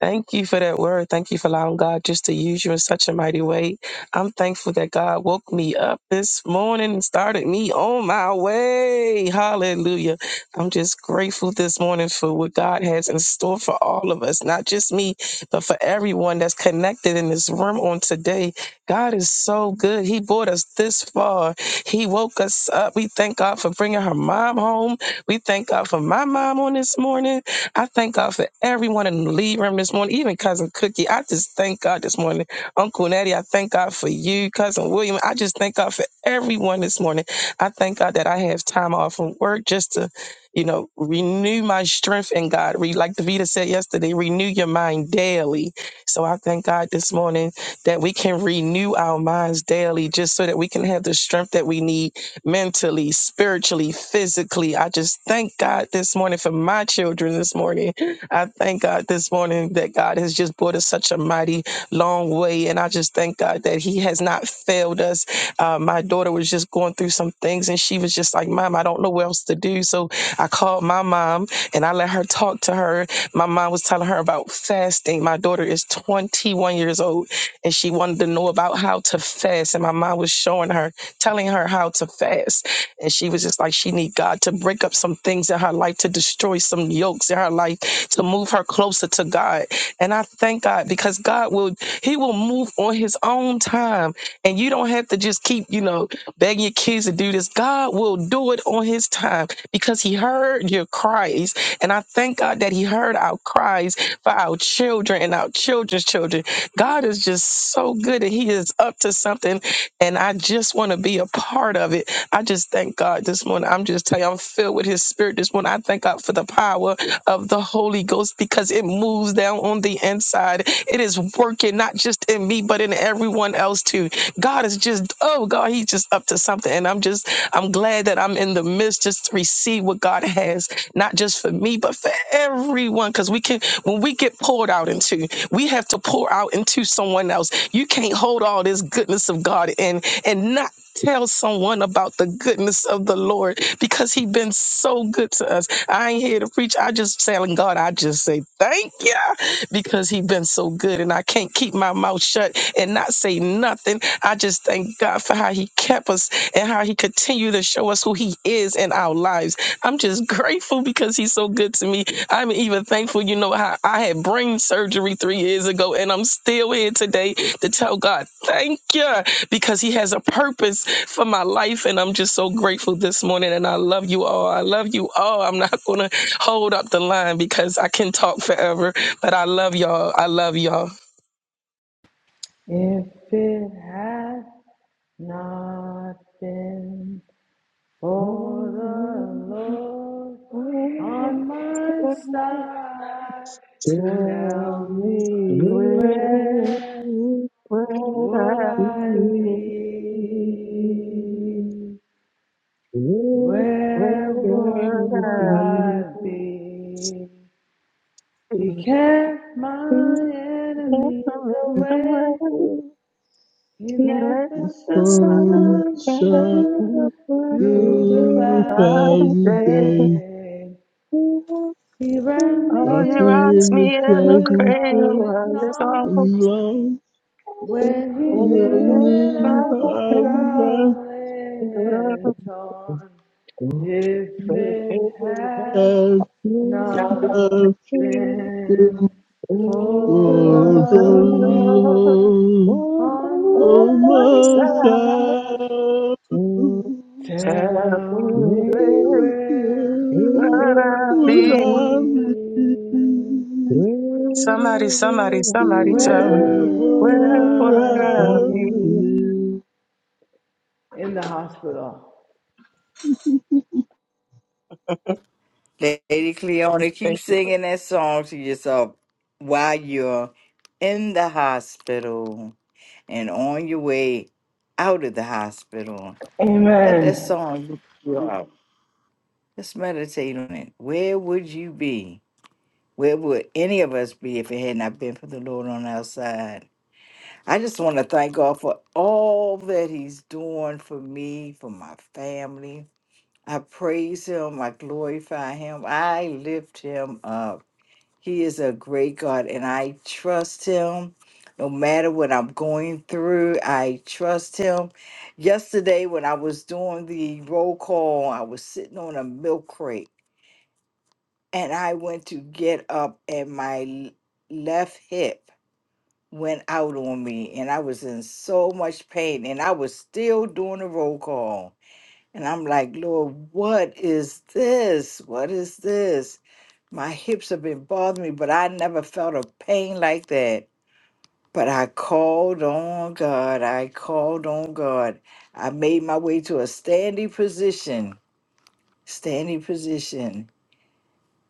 [SPEAKER 11] Thank you for that word. Thank you for allowing God just to use you in such a mighty way. I'm thankful that God woke me up this morning and started me on my way. Hallelujah. I'm just grateful this morning for what God has in store for all of us, not just me, but for everyone that's connected in this room on today. God is so good. He brought us this far. He woke us up. We thank God for bringing her mom home. We thank God for my mom on this morning. I thank God for everyone in the lead room this morning, even Cousin Cookie. I just thank God this morning. Uncle Nettie, I thank God for you. Cousin William, I just thank God for everyone this morning. I thank God that I have time off from work just to, you know, renew my strength in God. Re- Like Davita said yesterday, renew your mind daily. So I thank God this morning that we can renew our minds daily just so that we can have the strength that we need mentally, spiritually, physically. I just thank God this morning for my children this morning. I thank God this morning that God has just brought us such a mighty long way. And I just thank God that He has not failed us. Uh, my daughter was just going through some things and she was just like, Mom, I don't know what else to do. So I called my mom and I let her talk to her. My mom was telling her about fasting. My daughter is 21 years old and she wanted to know about how to fast. And my mom was showing her telling her how to fast. And she was just like, she need God to break up some things in her life, to destroy some yokes in her life, to move her closer to God. And I thank God because God will, he will move on his own time. And you don't have to just keep, you know, begging your kids to do this. God will do it on his time because he heard your cries. And I thank God that he heard our cries for our children and our children's children. God is just so good and he is up to something and I just want to be a part of it. I just thank God this morning. I'm just telling you, I'm filled with His Spirit this morning. I thank God for the power of the Holy Ghost because it moves down on the inside. It is working not just in me, but in everyone else too. God is just, oh God, He's just up to something. And I'm just, I'm glad that I'm in the midst just to receive what God has, not just for me, but for everyone. Because we can, when we get poured out into, we have to pour out into someone else you can't hold all this goodness of God and and not tell someone about the goodness of the Lord because he been so good to us. I ain't here to preach. I just telling God, I just say thank you because he been so good, and I can't keep my mouth shut and not say nothing. I just thank God for how He kept us and how He continued to show us who He is in our lives. I'm just grateful because He's so good to me I'm even thankful, you know, how I had brain surgery three years ago, and I'm still here today to tell God, thank you, because He has a purpose for my life. And I'm just so grateful this morning. And I love you all. I love you all. I'm not going to hold up the line because I can talk forever, but I love y'all. I love y'all.
[SPEAKER 9] If it had Nothing for the Lord on my side.
[SPEAKER 12] Thank
[SPEAKER 11] Tell
[SPEAKER 9] Tell me
[SPEAKER 11] me where,
[SPEAKER 9] where
[SPEAKER 11] where
[SPEAKER 9] would I
[SPEAKER 12] you.
[SPEAKER 11] I
[SPEAKER 9] be?
[SPEAKER 11] Where
[SPEAKER 9] Where
[SPEAKER 11] would
[SPEAKER 9] would
[SPEAKER 11] I be
[SPEAKER 9] I be? He
[SPEAKER 11] if
[SPEAKER 9] kept my
[SPEAKER 11] I'm
[SPEAKER 9] enemies
[SPEAKER 11] in the
[SPEAKER 9] away.
[SPEAKER 11] way?
[SPEAKER 9] He
[SPEAKER 11] He
[SPEAKER 9] let
[SPEAKER 11] let
[SPEAKER 8] The
[SPEAKER 9] the
[SPEAKER 11] the
[SPEAKER 9] sun,
[SPEAKER 11] sun
[SPEAKER 8] sun
[SPEAKER 11] get
[SPEAKER 8] shines
[SPEAKER 9] shine
[SPEAKER 11] me
[SPEAKER 9] through the
[SPEAKER 8] through
[SPEAKER 11] out
[SPEAKER 9] cloudy
[SPEAKER 11] of
[SPEAKER 8] the cloudy
[SPEAKER 11] day.
[SPEAKER 8] day.
[SPEAKER 9] day. He wrapped me
[SPEAKER 11] Oh, he
[SPEAKER 8] Watching
[SPEAKER 9] in
[SPEAKER 11] rocks
[SPEAKER 9] the
[SPEAKER 8] in the
[SPEAKER 11] me in the
[SPEAKER 9] cradle
[SPEAKER 8] crazy day.
[SPEAKER 9] of
[SPEAKER 11] cradle
[SPEAKER 9] his
[SPEAKER 11] of his arms.
[SPEAKER 9] arms
[SPEAKER 8] long
[SPEAKER 9] when he
[SPEAKER 11] And
[SPEAKER 9] knew
[SPEAKER 11] he
[SPEAKER 9] that
[SPEAKER 8] the
[SPEAKER 9] I
[SPEAKER 11] promised
[SPEAKER 9] was
[SPEAKER 11] me
[SPEAKER 8] harvest
[SPEAKER 9] struggling
[SPEAKER 11] good and I
[SPEAKER 9] and torn. If
[SPEAKER 11] shall be
[SPEAKER 9] it
[SPEAKER 11] there,
[SPEAKER 9] had
[SPEAKER 8] has
[SPEAKER 9] not
[SPEAKER 8] fasted
[SPEAKER 9] been for
[SPEAKER 8] for the
[SPEAKER 9] the Lord
[SPEAKER 8] Lord.
[SPEAKER 12] Good
[SPEAKER 9] on
[SPEAKER 8] O
[SPEAKER 9] my
[SPEAKER 12] morning.
[SPEAKER 8] my
[SPEAKER 9] side.
[SPEAKER 8] soul,
[SPEAKER 9] Tell me where
[SPEAKER 11] but
[SPEAKER 8] where
[SPEAKER 9] would
[SPEAKER 11] I
[SPEAKER 8] would
[SPEAKER 9] I
[SPEAKER 11] be
[SPEAKER 8] I be?
[SPEAKER 9] be?
[SPEAKER 11] Somebody, somebody, somebody tell me
[SPEAKER 9] Where
[SPEAKER 8] Where
[SPEAKER 9] would
[SPEAKER 11] where
[SPEAKER 8] would
[SPEAKER 11] would
[SPEAKER 9] I
[SPEAKER 11] I
[SPEAKER 8] I
[SPEAKER 11] be?
[SPEAKER 9] be?
[SPEAKER 8] be?
[SPEAKER 9] In the hospital.
[SPEAKER 10] Lady Cleona, keep
[SPEAKER 11] Thank you.
[SPEAKER 10] singing that song to yourself while you're in the hospital and on your way out of the hospital. Let that
[SPEAKER 9] Amen.
[SPEAKER 10] song lift you up. Let's meditate on it. Where would you be? Where would any of us be if it had not been for the Lord on our side? I just want to thank God for all that He's doing for me, for my family, I praise him. I glorify him. I lift him up. He is a great God, and I trust him. No matter what I'm going through, I trust him. Yesterday, when I was doing the roll call, I was sitting on a milk crate, and I went to get up, and my l- left hip went out on me, and I was in so much pain, and I was still doing the roll call. And I'm like, Lord, what is this? What is this? My hips have been bothering me, but I never felt a pain like that. But I called on God. I called on God. I made my way to a standing position, standing position.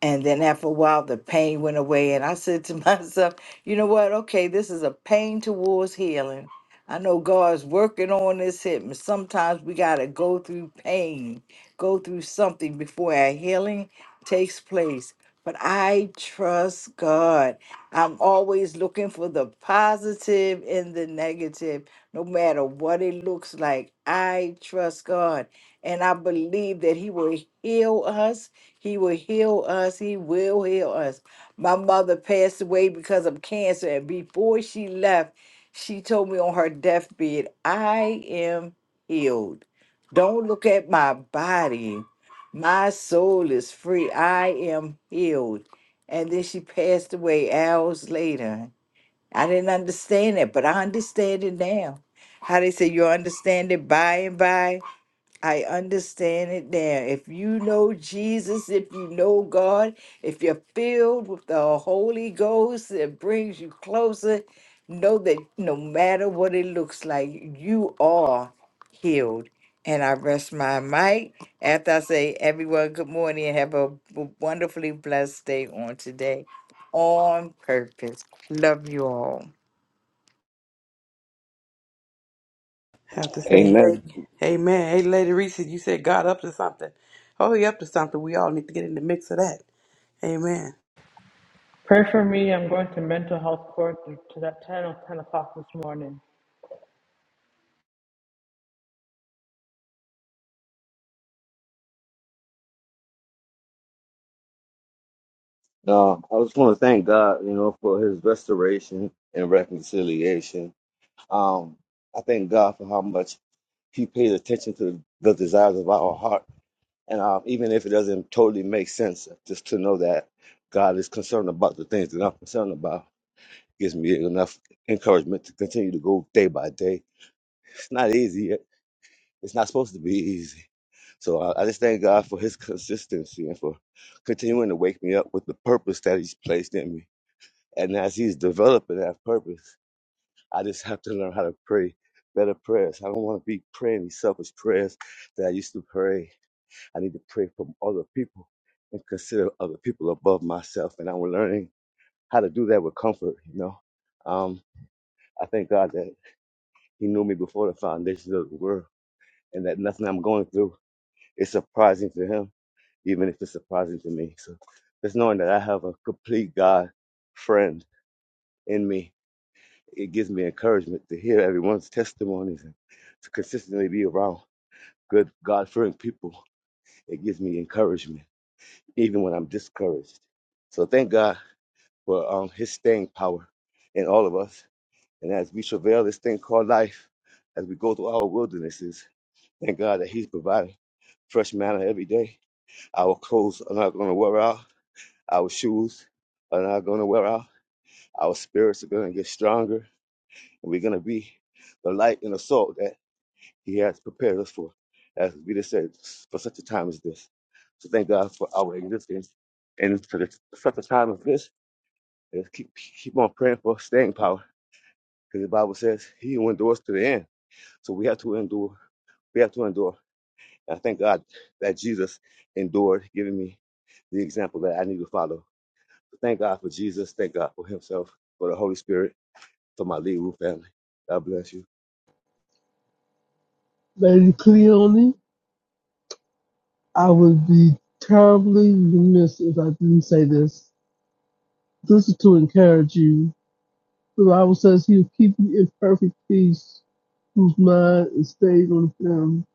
[SPEAKER 10] And then after a while, the pain went away. And I said to myself, you know what? Okay, this is a pain towards healing. I know God's working on this hip. Sometimes we got to go through pain, go through something before our healing takes place. But I trust God. I'm always looking for the positive in the negative no matter what it looks like. I trust God and I believe that He will heal us. He will heal us. He will heal us. My mother passed away because of cancer, and before she left, she told me on her deathbed, I am healed. Don't look at my body. My soul is free. I am healed. And then she passed away hours later. I didn't understand it, but I understand it now. How they say you understand it by and by. I understand it now. If you know Jesus, if you know God, if you're filled with the Holy Ghost that brings you closer, know that no matter what it looks like, you are healed. And I rest my mic after I say, everyone, good morning and have a w- wonderfully blessed day on today on purpose. Love you all.
[SPEAKER 3] Have to say,
[SPEAKER 5] Amen.
[SPEAKER 3] lady, hey man, hey lady Reese, you said God up to something. Oh, he up to something. We all need to get in the mix of that. Amen.
[SPEAKER 9] Pray for me. I'm going to mental health court to that 10 ten o'clock this morning.
[SPEAKER 5] Um, I just want to thank God, you know, for His restoration and reconciliation. Um, I thank God for how much He pays attention to the desires of our heart And uh, even if it doesn't totally make sense, uh, just to know that God is concerned about the things that I'm concerned about gives me enough encouragement to continue to go day by day. It's not easy. It- It's not supposed to be easy. So I, I just thank God for his consistency and for continuing to wake me up with the purpose that he's placed in me. And as he's developing that purpose, I just have to learn how to pray better prayers. I don't want to be praying these selfish prayers that I used to pray I need to pray for other people and consider other people above myself. And I'm learning how to do that with comfort, you know. Um, I thank God that He knew me before the foundations of the world and that nothing I'm going through is surprising to Him, even if it's surprising to me. So just knowing that I have a complete God friend in me, it gives me encouragement to hear everyone's testimonies and to consistently be around good God fearing people. It gives me encouragement even when I'm discouraged. So thank God for um, his staying power in all of us. And as we travail this thing called life, as we go through our wildernesses, thank God that he's providing fresh manna every day. Our clothes are not going to wear out. Our shoes are not going to wear out. Our spirits are going to get stronger. And we're going to be the light and the salt that he has prepared us for, as we just said, for such a time as this. So thank God for our existence. And for the, such a time as this, Let's keep keep on praying for staying power, because the Bible says He who endures to the end. So we have to endure. We have to endure. And I thank God that Jesus endured, giving me the example that I need to follow. So Thank God for Jesus. Thank God for Himself, for the Holy Spirit, for my Lee Room family. God bless you.
[SPEAKER 8] Lady Cleone, I would be terribly remiss if I didn't say this. This is to encourage you The Bible says he will keep you in perfect peace, whose mind is stayed on him.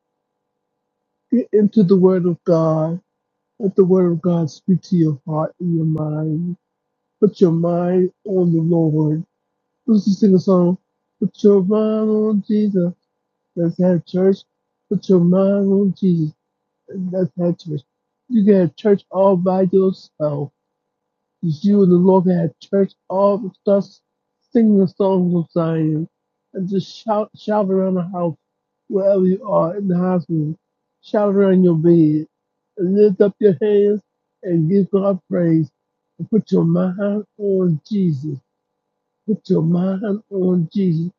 [SPEAKER 8] Get into the word of God. Let the word of God speak to your heart and your mind. Put your mind on the Lord. Let's just sing a song. Put your mind on Jesus. Let's have church. Put your mind on Jesus. and Let's have church. You can have church all by yourself You and the Lord had church, all the stuff, singing the songs of Zion, and just shout, shout around the house, wherever you are in the hospital. Shout around your bed, and lift up your hands and give God praise. And put your mind on Jesus. Put your mind on Jesus.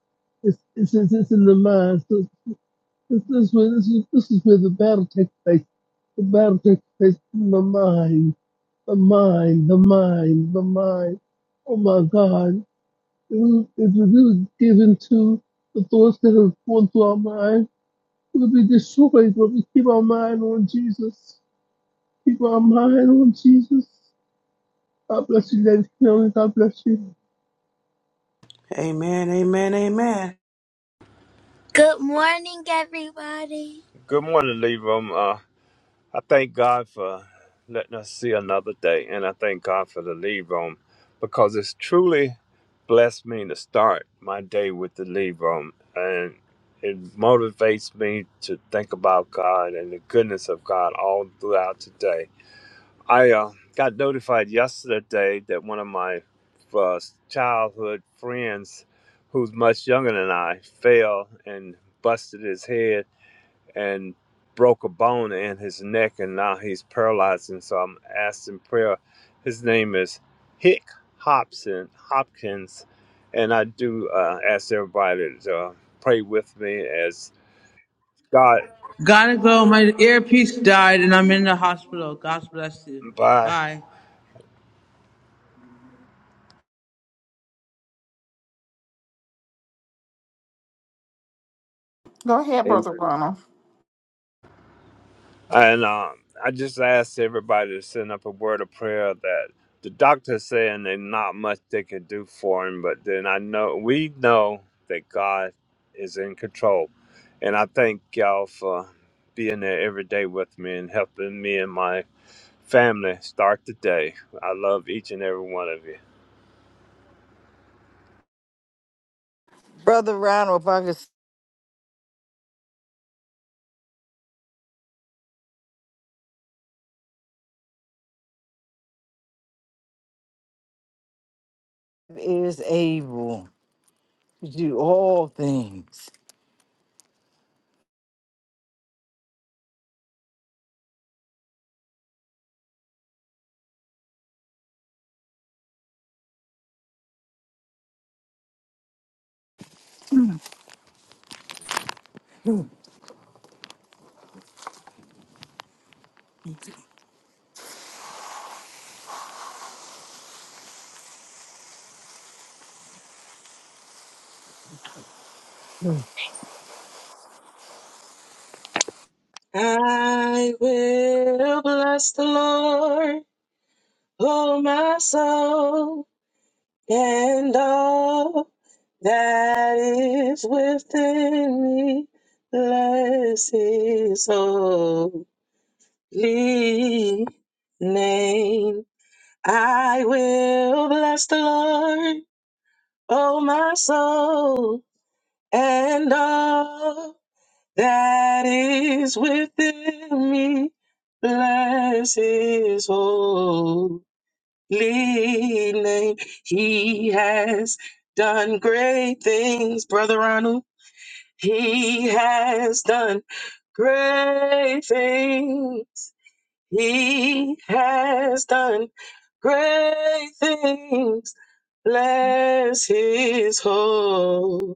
[SPEAKER 8] It's, it's, it's, it's in the mind. So this, this, is where- this, is, this is where the battle takes place. The battle takes place in the mind the mind, the mind, the mind. Oh my God. If we, if we would give to the thoughts that are going through our mind, we would be destroyed, but we keep our mind on Jesus. Keep our mind on Jesus. God bless you, Lady Kelly. God bless you.
[SPEAKER 3] Amen. Amen. Amen.
[SPEAKER 13] Good morning, everybody. Good morning, Libram. Uh, I thank God for letting us see another day, and I thank God for the Libram because it's truly blessed me to start my day with the Libram, and it motivates me to think about God and the goodness of God all throughout today. I uh, got notified yesterday that one of my uh, childhood friends, who's much younger than I, fell and busted his head and broke a bone in his neck, and now he's paralyzed. And so I'm asking prayer. His name is Hick Hobson Hopkins, and I do uh, ask everybody to uh, pray with me as God.
[SPEAKER 9] Right in the hospital. God bless you.
[SPEAKER 13] Bye.
[SPEAKER 9] Bye.
[SPEAKER 2] Go ahead,
[SPEAKER 5] Amen.
[SPEAKER 2] Brother Ronald.
[SPEAKER 13] And um, I just asked everybody to send up a word of prayer that the doctor's saying there's not much they can do for him, but then I know we know that God is in control. And I thank y'all for being there every day with me and helping me and my family start the day. I love each and every one of you.
[SPEAKER 10] Brother Ronald, if I could say, is able to do all things.
[SPEAKER 11] I will bless the Lord, oh my soul, and all that is within me. Bless his holy name. I will bless the Lord, oh my soul, and all. that is within me. Bless his holy name. He has done great things, Brother Ronald. He has done great things. He has done great things. Bless his holy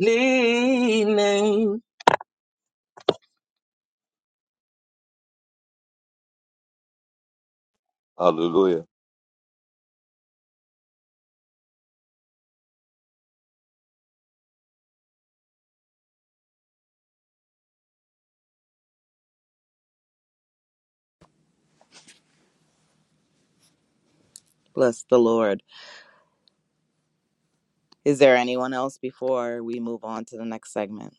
[SPEAKER 11] name.
[SPEAKER 5] Hallelujah.
[SPEAKER 7] Bless the Lord. Is there anyone else before we move on to the next segment?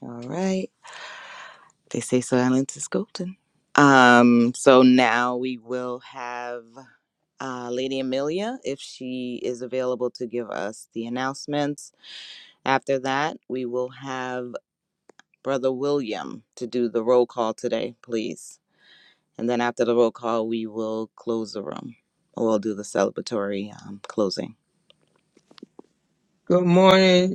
[SPEAKER 7] All right. They say silence is golden. Um, so now we will have uh, Lady Amelia, if she is available to give us the announcements. After that, we will have Brother William to do the roll call today, please. And then after the roll call, we will close the room. We'll do the celebratory um, closing.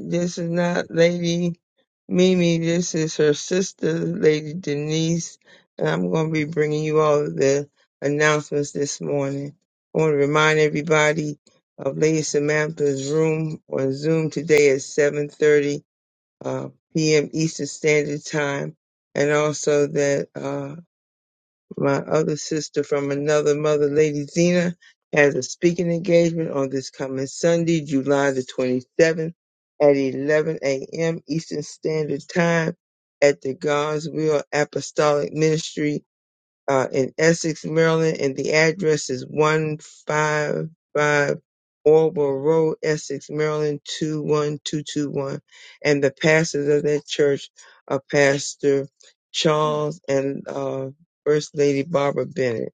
[SPEAKER 12] This is not Lady Mimi. This is her sister, Lady Denise. And I'm going to be bringing you all of the announcements this morning. I want to remind everybody of Lady Samantha's room on Zoom today at 7:30. uh, p.m. Eastern Standard Time, and also that uh, my other sister from another mother, Lady Zena, has a speaking engagement on this coming Sunday, July the 27th at 11 a.m. Eastern Standard Time at the God's Will Apostolic Ministry uh, in Essex, Maryland, and the address is 155 Orwell Road, Essex, Maryland, 21221. And the pastors of that church are Pastor Charles and uh, First Lady Barbara Bennett.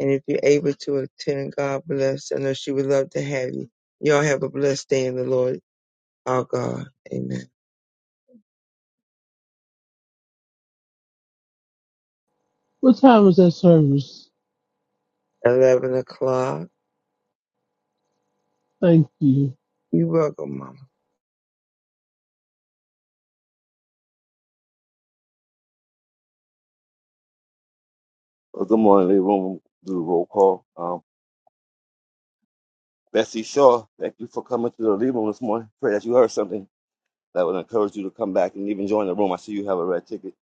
[SPEAKER 12] And if you're able to attend, God bless. I know she would love to have you. Y'all have a blessed day in the Lord, our God. Amen.
[SPEAKER 8] What time is that service?
[SPEAKER 12] 11 o'clock.
[SPEAKER 8] Thank you.
[SPEAKER 12] You're welcome, Mama.
[SPEAKER 5] Well, good morning, Lee Room. Do the roll call. Um, Bessie Shaw, thank you for coming to the Lee Room this morning. Pray that you heard something that would encourage you to come back and even join the room. I see you have a red ticket.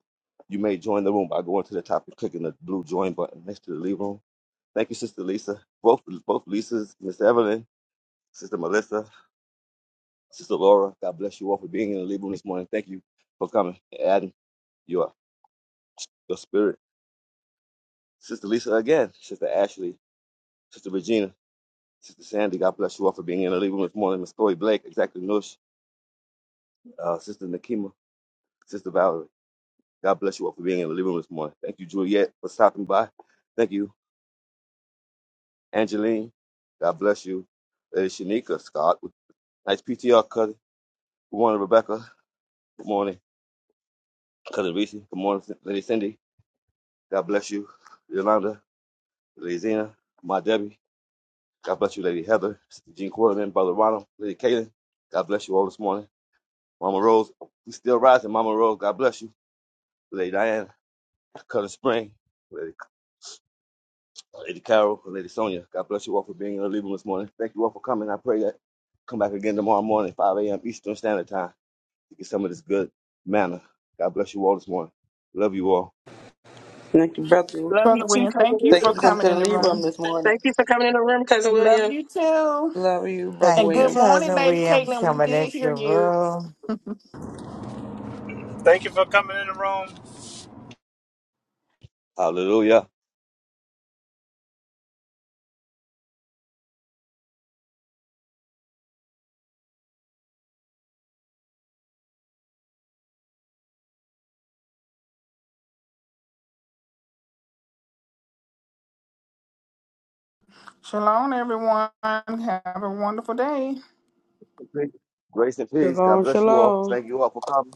[SPEAKER 5] You may join the room by going to the top and clicking the blue join button next to the leave room. Thank you, Sister Lisa. Both both Lisas, Miss Evelyn, Sister Melissa, Sister Laura. God bless you all for being in the leave room this morning. Thank you for coming and adding your your spirit. Sister Lisa again, Sister Ashley, Sister Regina, Sister Sandy. God bless you all for being in the leave room this morning. Miss Chloe Blake, exactly Nush, uh, Sister Nakima, Sister Valerie. God bless you all for being in the leave room this morning. Thank you, Juliet, for stopping by. Thank you Angeline, God bless you. Lady Shanika Scott, nice PTR cousin. Good morning, Rebecca. Good morning, cousin Reese. Good morning, Lady Cindy. God bless you, Yolanda, Lady Zena, my Debbie. God bless you, Lady Heather, Sister Jean Quarterman, Brother Ronald, Lady Kaylin. God bless you all this morning. Mama Rose, we still rising. Mama Rose, God bless you. Lady Diana, Cousin Spring, Lady, Lady Carol, Lady Sonia. God bless you all for being in the living room this morning. Thank you all for coming. I pray that you come back again tomorrow morning, 5 a.m. Eastern Standard Time. to get some of this good manna. God bless you all this morning. Love you all.
[SPEAKER 3] Thank you, brother.
[SPEAKER 11] Love you
[SPEAKER 2] Brother
[SPEAKER 11] too,
[SPEAKER 2] William, thank you
[SPEAKER 11] Cousin
[SPEAKER 3] Thank you
[SPEAKER 2] for
[SPEAKER 3] for coming
[SPEAKER 2] coming
[SPEAKER 3] to the
[SPEAKER 2] in the
[SPEAKER 3] lead
[SPEAKER 2] room.
[SPEAKER 3] room this morning.
[SPEAKER 11] Thank you for coming in the room, Cousin
[SPEAKER 2] We
[SPEAKER 11] William.
[SPEAKER 2] love you too.
[SPEAKER 3] Love you, brother
[SPEAKER 10] Thank
[SPEAKER 2] And
[SPEAKER 10] you,
[SPEAKER 2] good
[SPEAKER 3] William.
[SPEAKER 2] morning,
[SPEAKER 10] cousin
[SPEAKER 2] Lady
[SPEAKER 10] William,
[SPEAKER 2] Caitlin.
[SPEAKER 10] for
[SPEAKER 2] We
[SPEAKER 10] coming
[SPEAKER 2] did
[SPEAKER 10] into
[SPEAKER 2] hear
[SPEAKER 10] the
[SPEAKER 2] you.
[SPEAKER 10] room.
[SPEAKER 13] Thank you for coming in the room.
[SPEAKER 5] Hallelujah.
[SPEAKER 2] Shalom, everyone. Have a wonderful day.
[SPEAKER 5] Grace and peace. God
[SPEAKER 3] Shalom.
[SPEAKER 5] bless you all.
[SPEAKER 3] Shalom.
[SPEAKER 5] Thank you all for coming.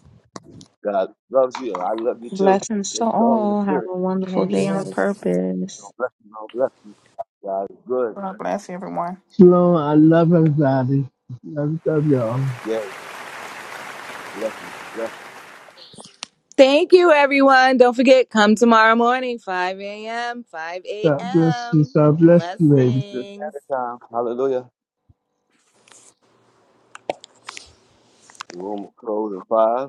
[SPEAKER 5] God loves you, and I love you too.
[SPEAKER 14] Blessings to
[SPEAKER 5] Stay strong in the
[SPEAKER 14] all. Have
[SPEAKER 5] spirit.
[SPEAKER 14] a wonderful
[SPEAKER 4] Shalom,
[SPEAKER 14] day on
[SPEAKER 4] shalom.
[SPEAKER 3] Yes.
[SPEAKER 14] purpose.
[SPEAKER 5] God bless you. God bless you. God is good.
[SPEAKER 2] God bless everyone.
[SPEAKER 8] Shalom. I love everybody. Love, love y'all.
[SPEAKER 5] Yeah, bless you. Bless
[SPEAKER 7] Thank you, everyone. Don't forget, come tomorrow morning, 5 a.m., 5
[SPEAKER 8] God bless
[SPEAKER 7] a.m.
[SPEAKER 8] you. God bless you, baby.
[SPEAKER 5] you.
[SPEAKER 7] Blessings.
[SPEAKER 5] This time. Hallelujah. The room will close in five.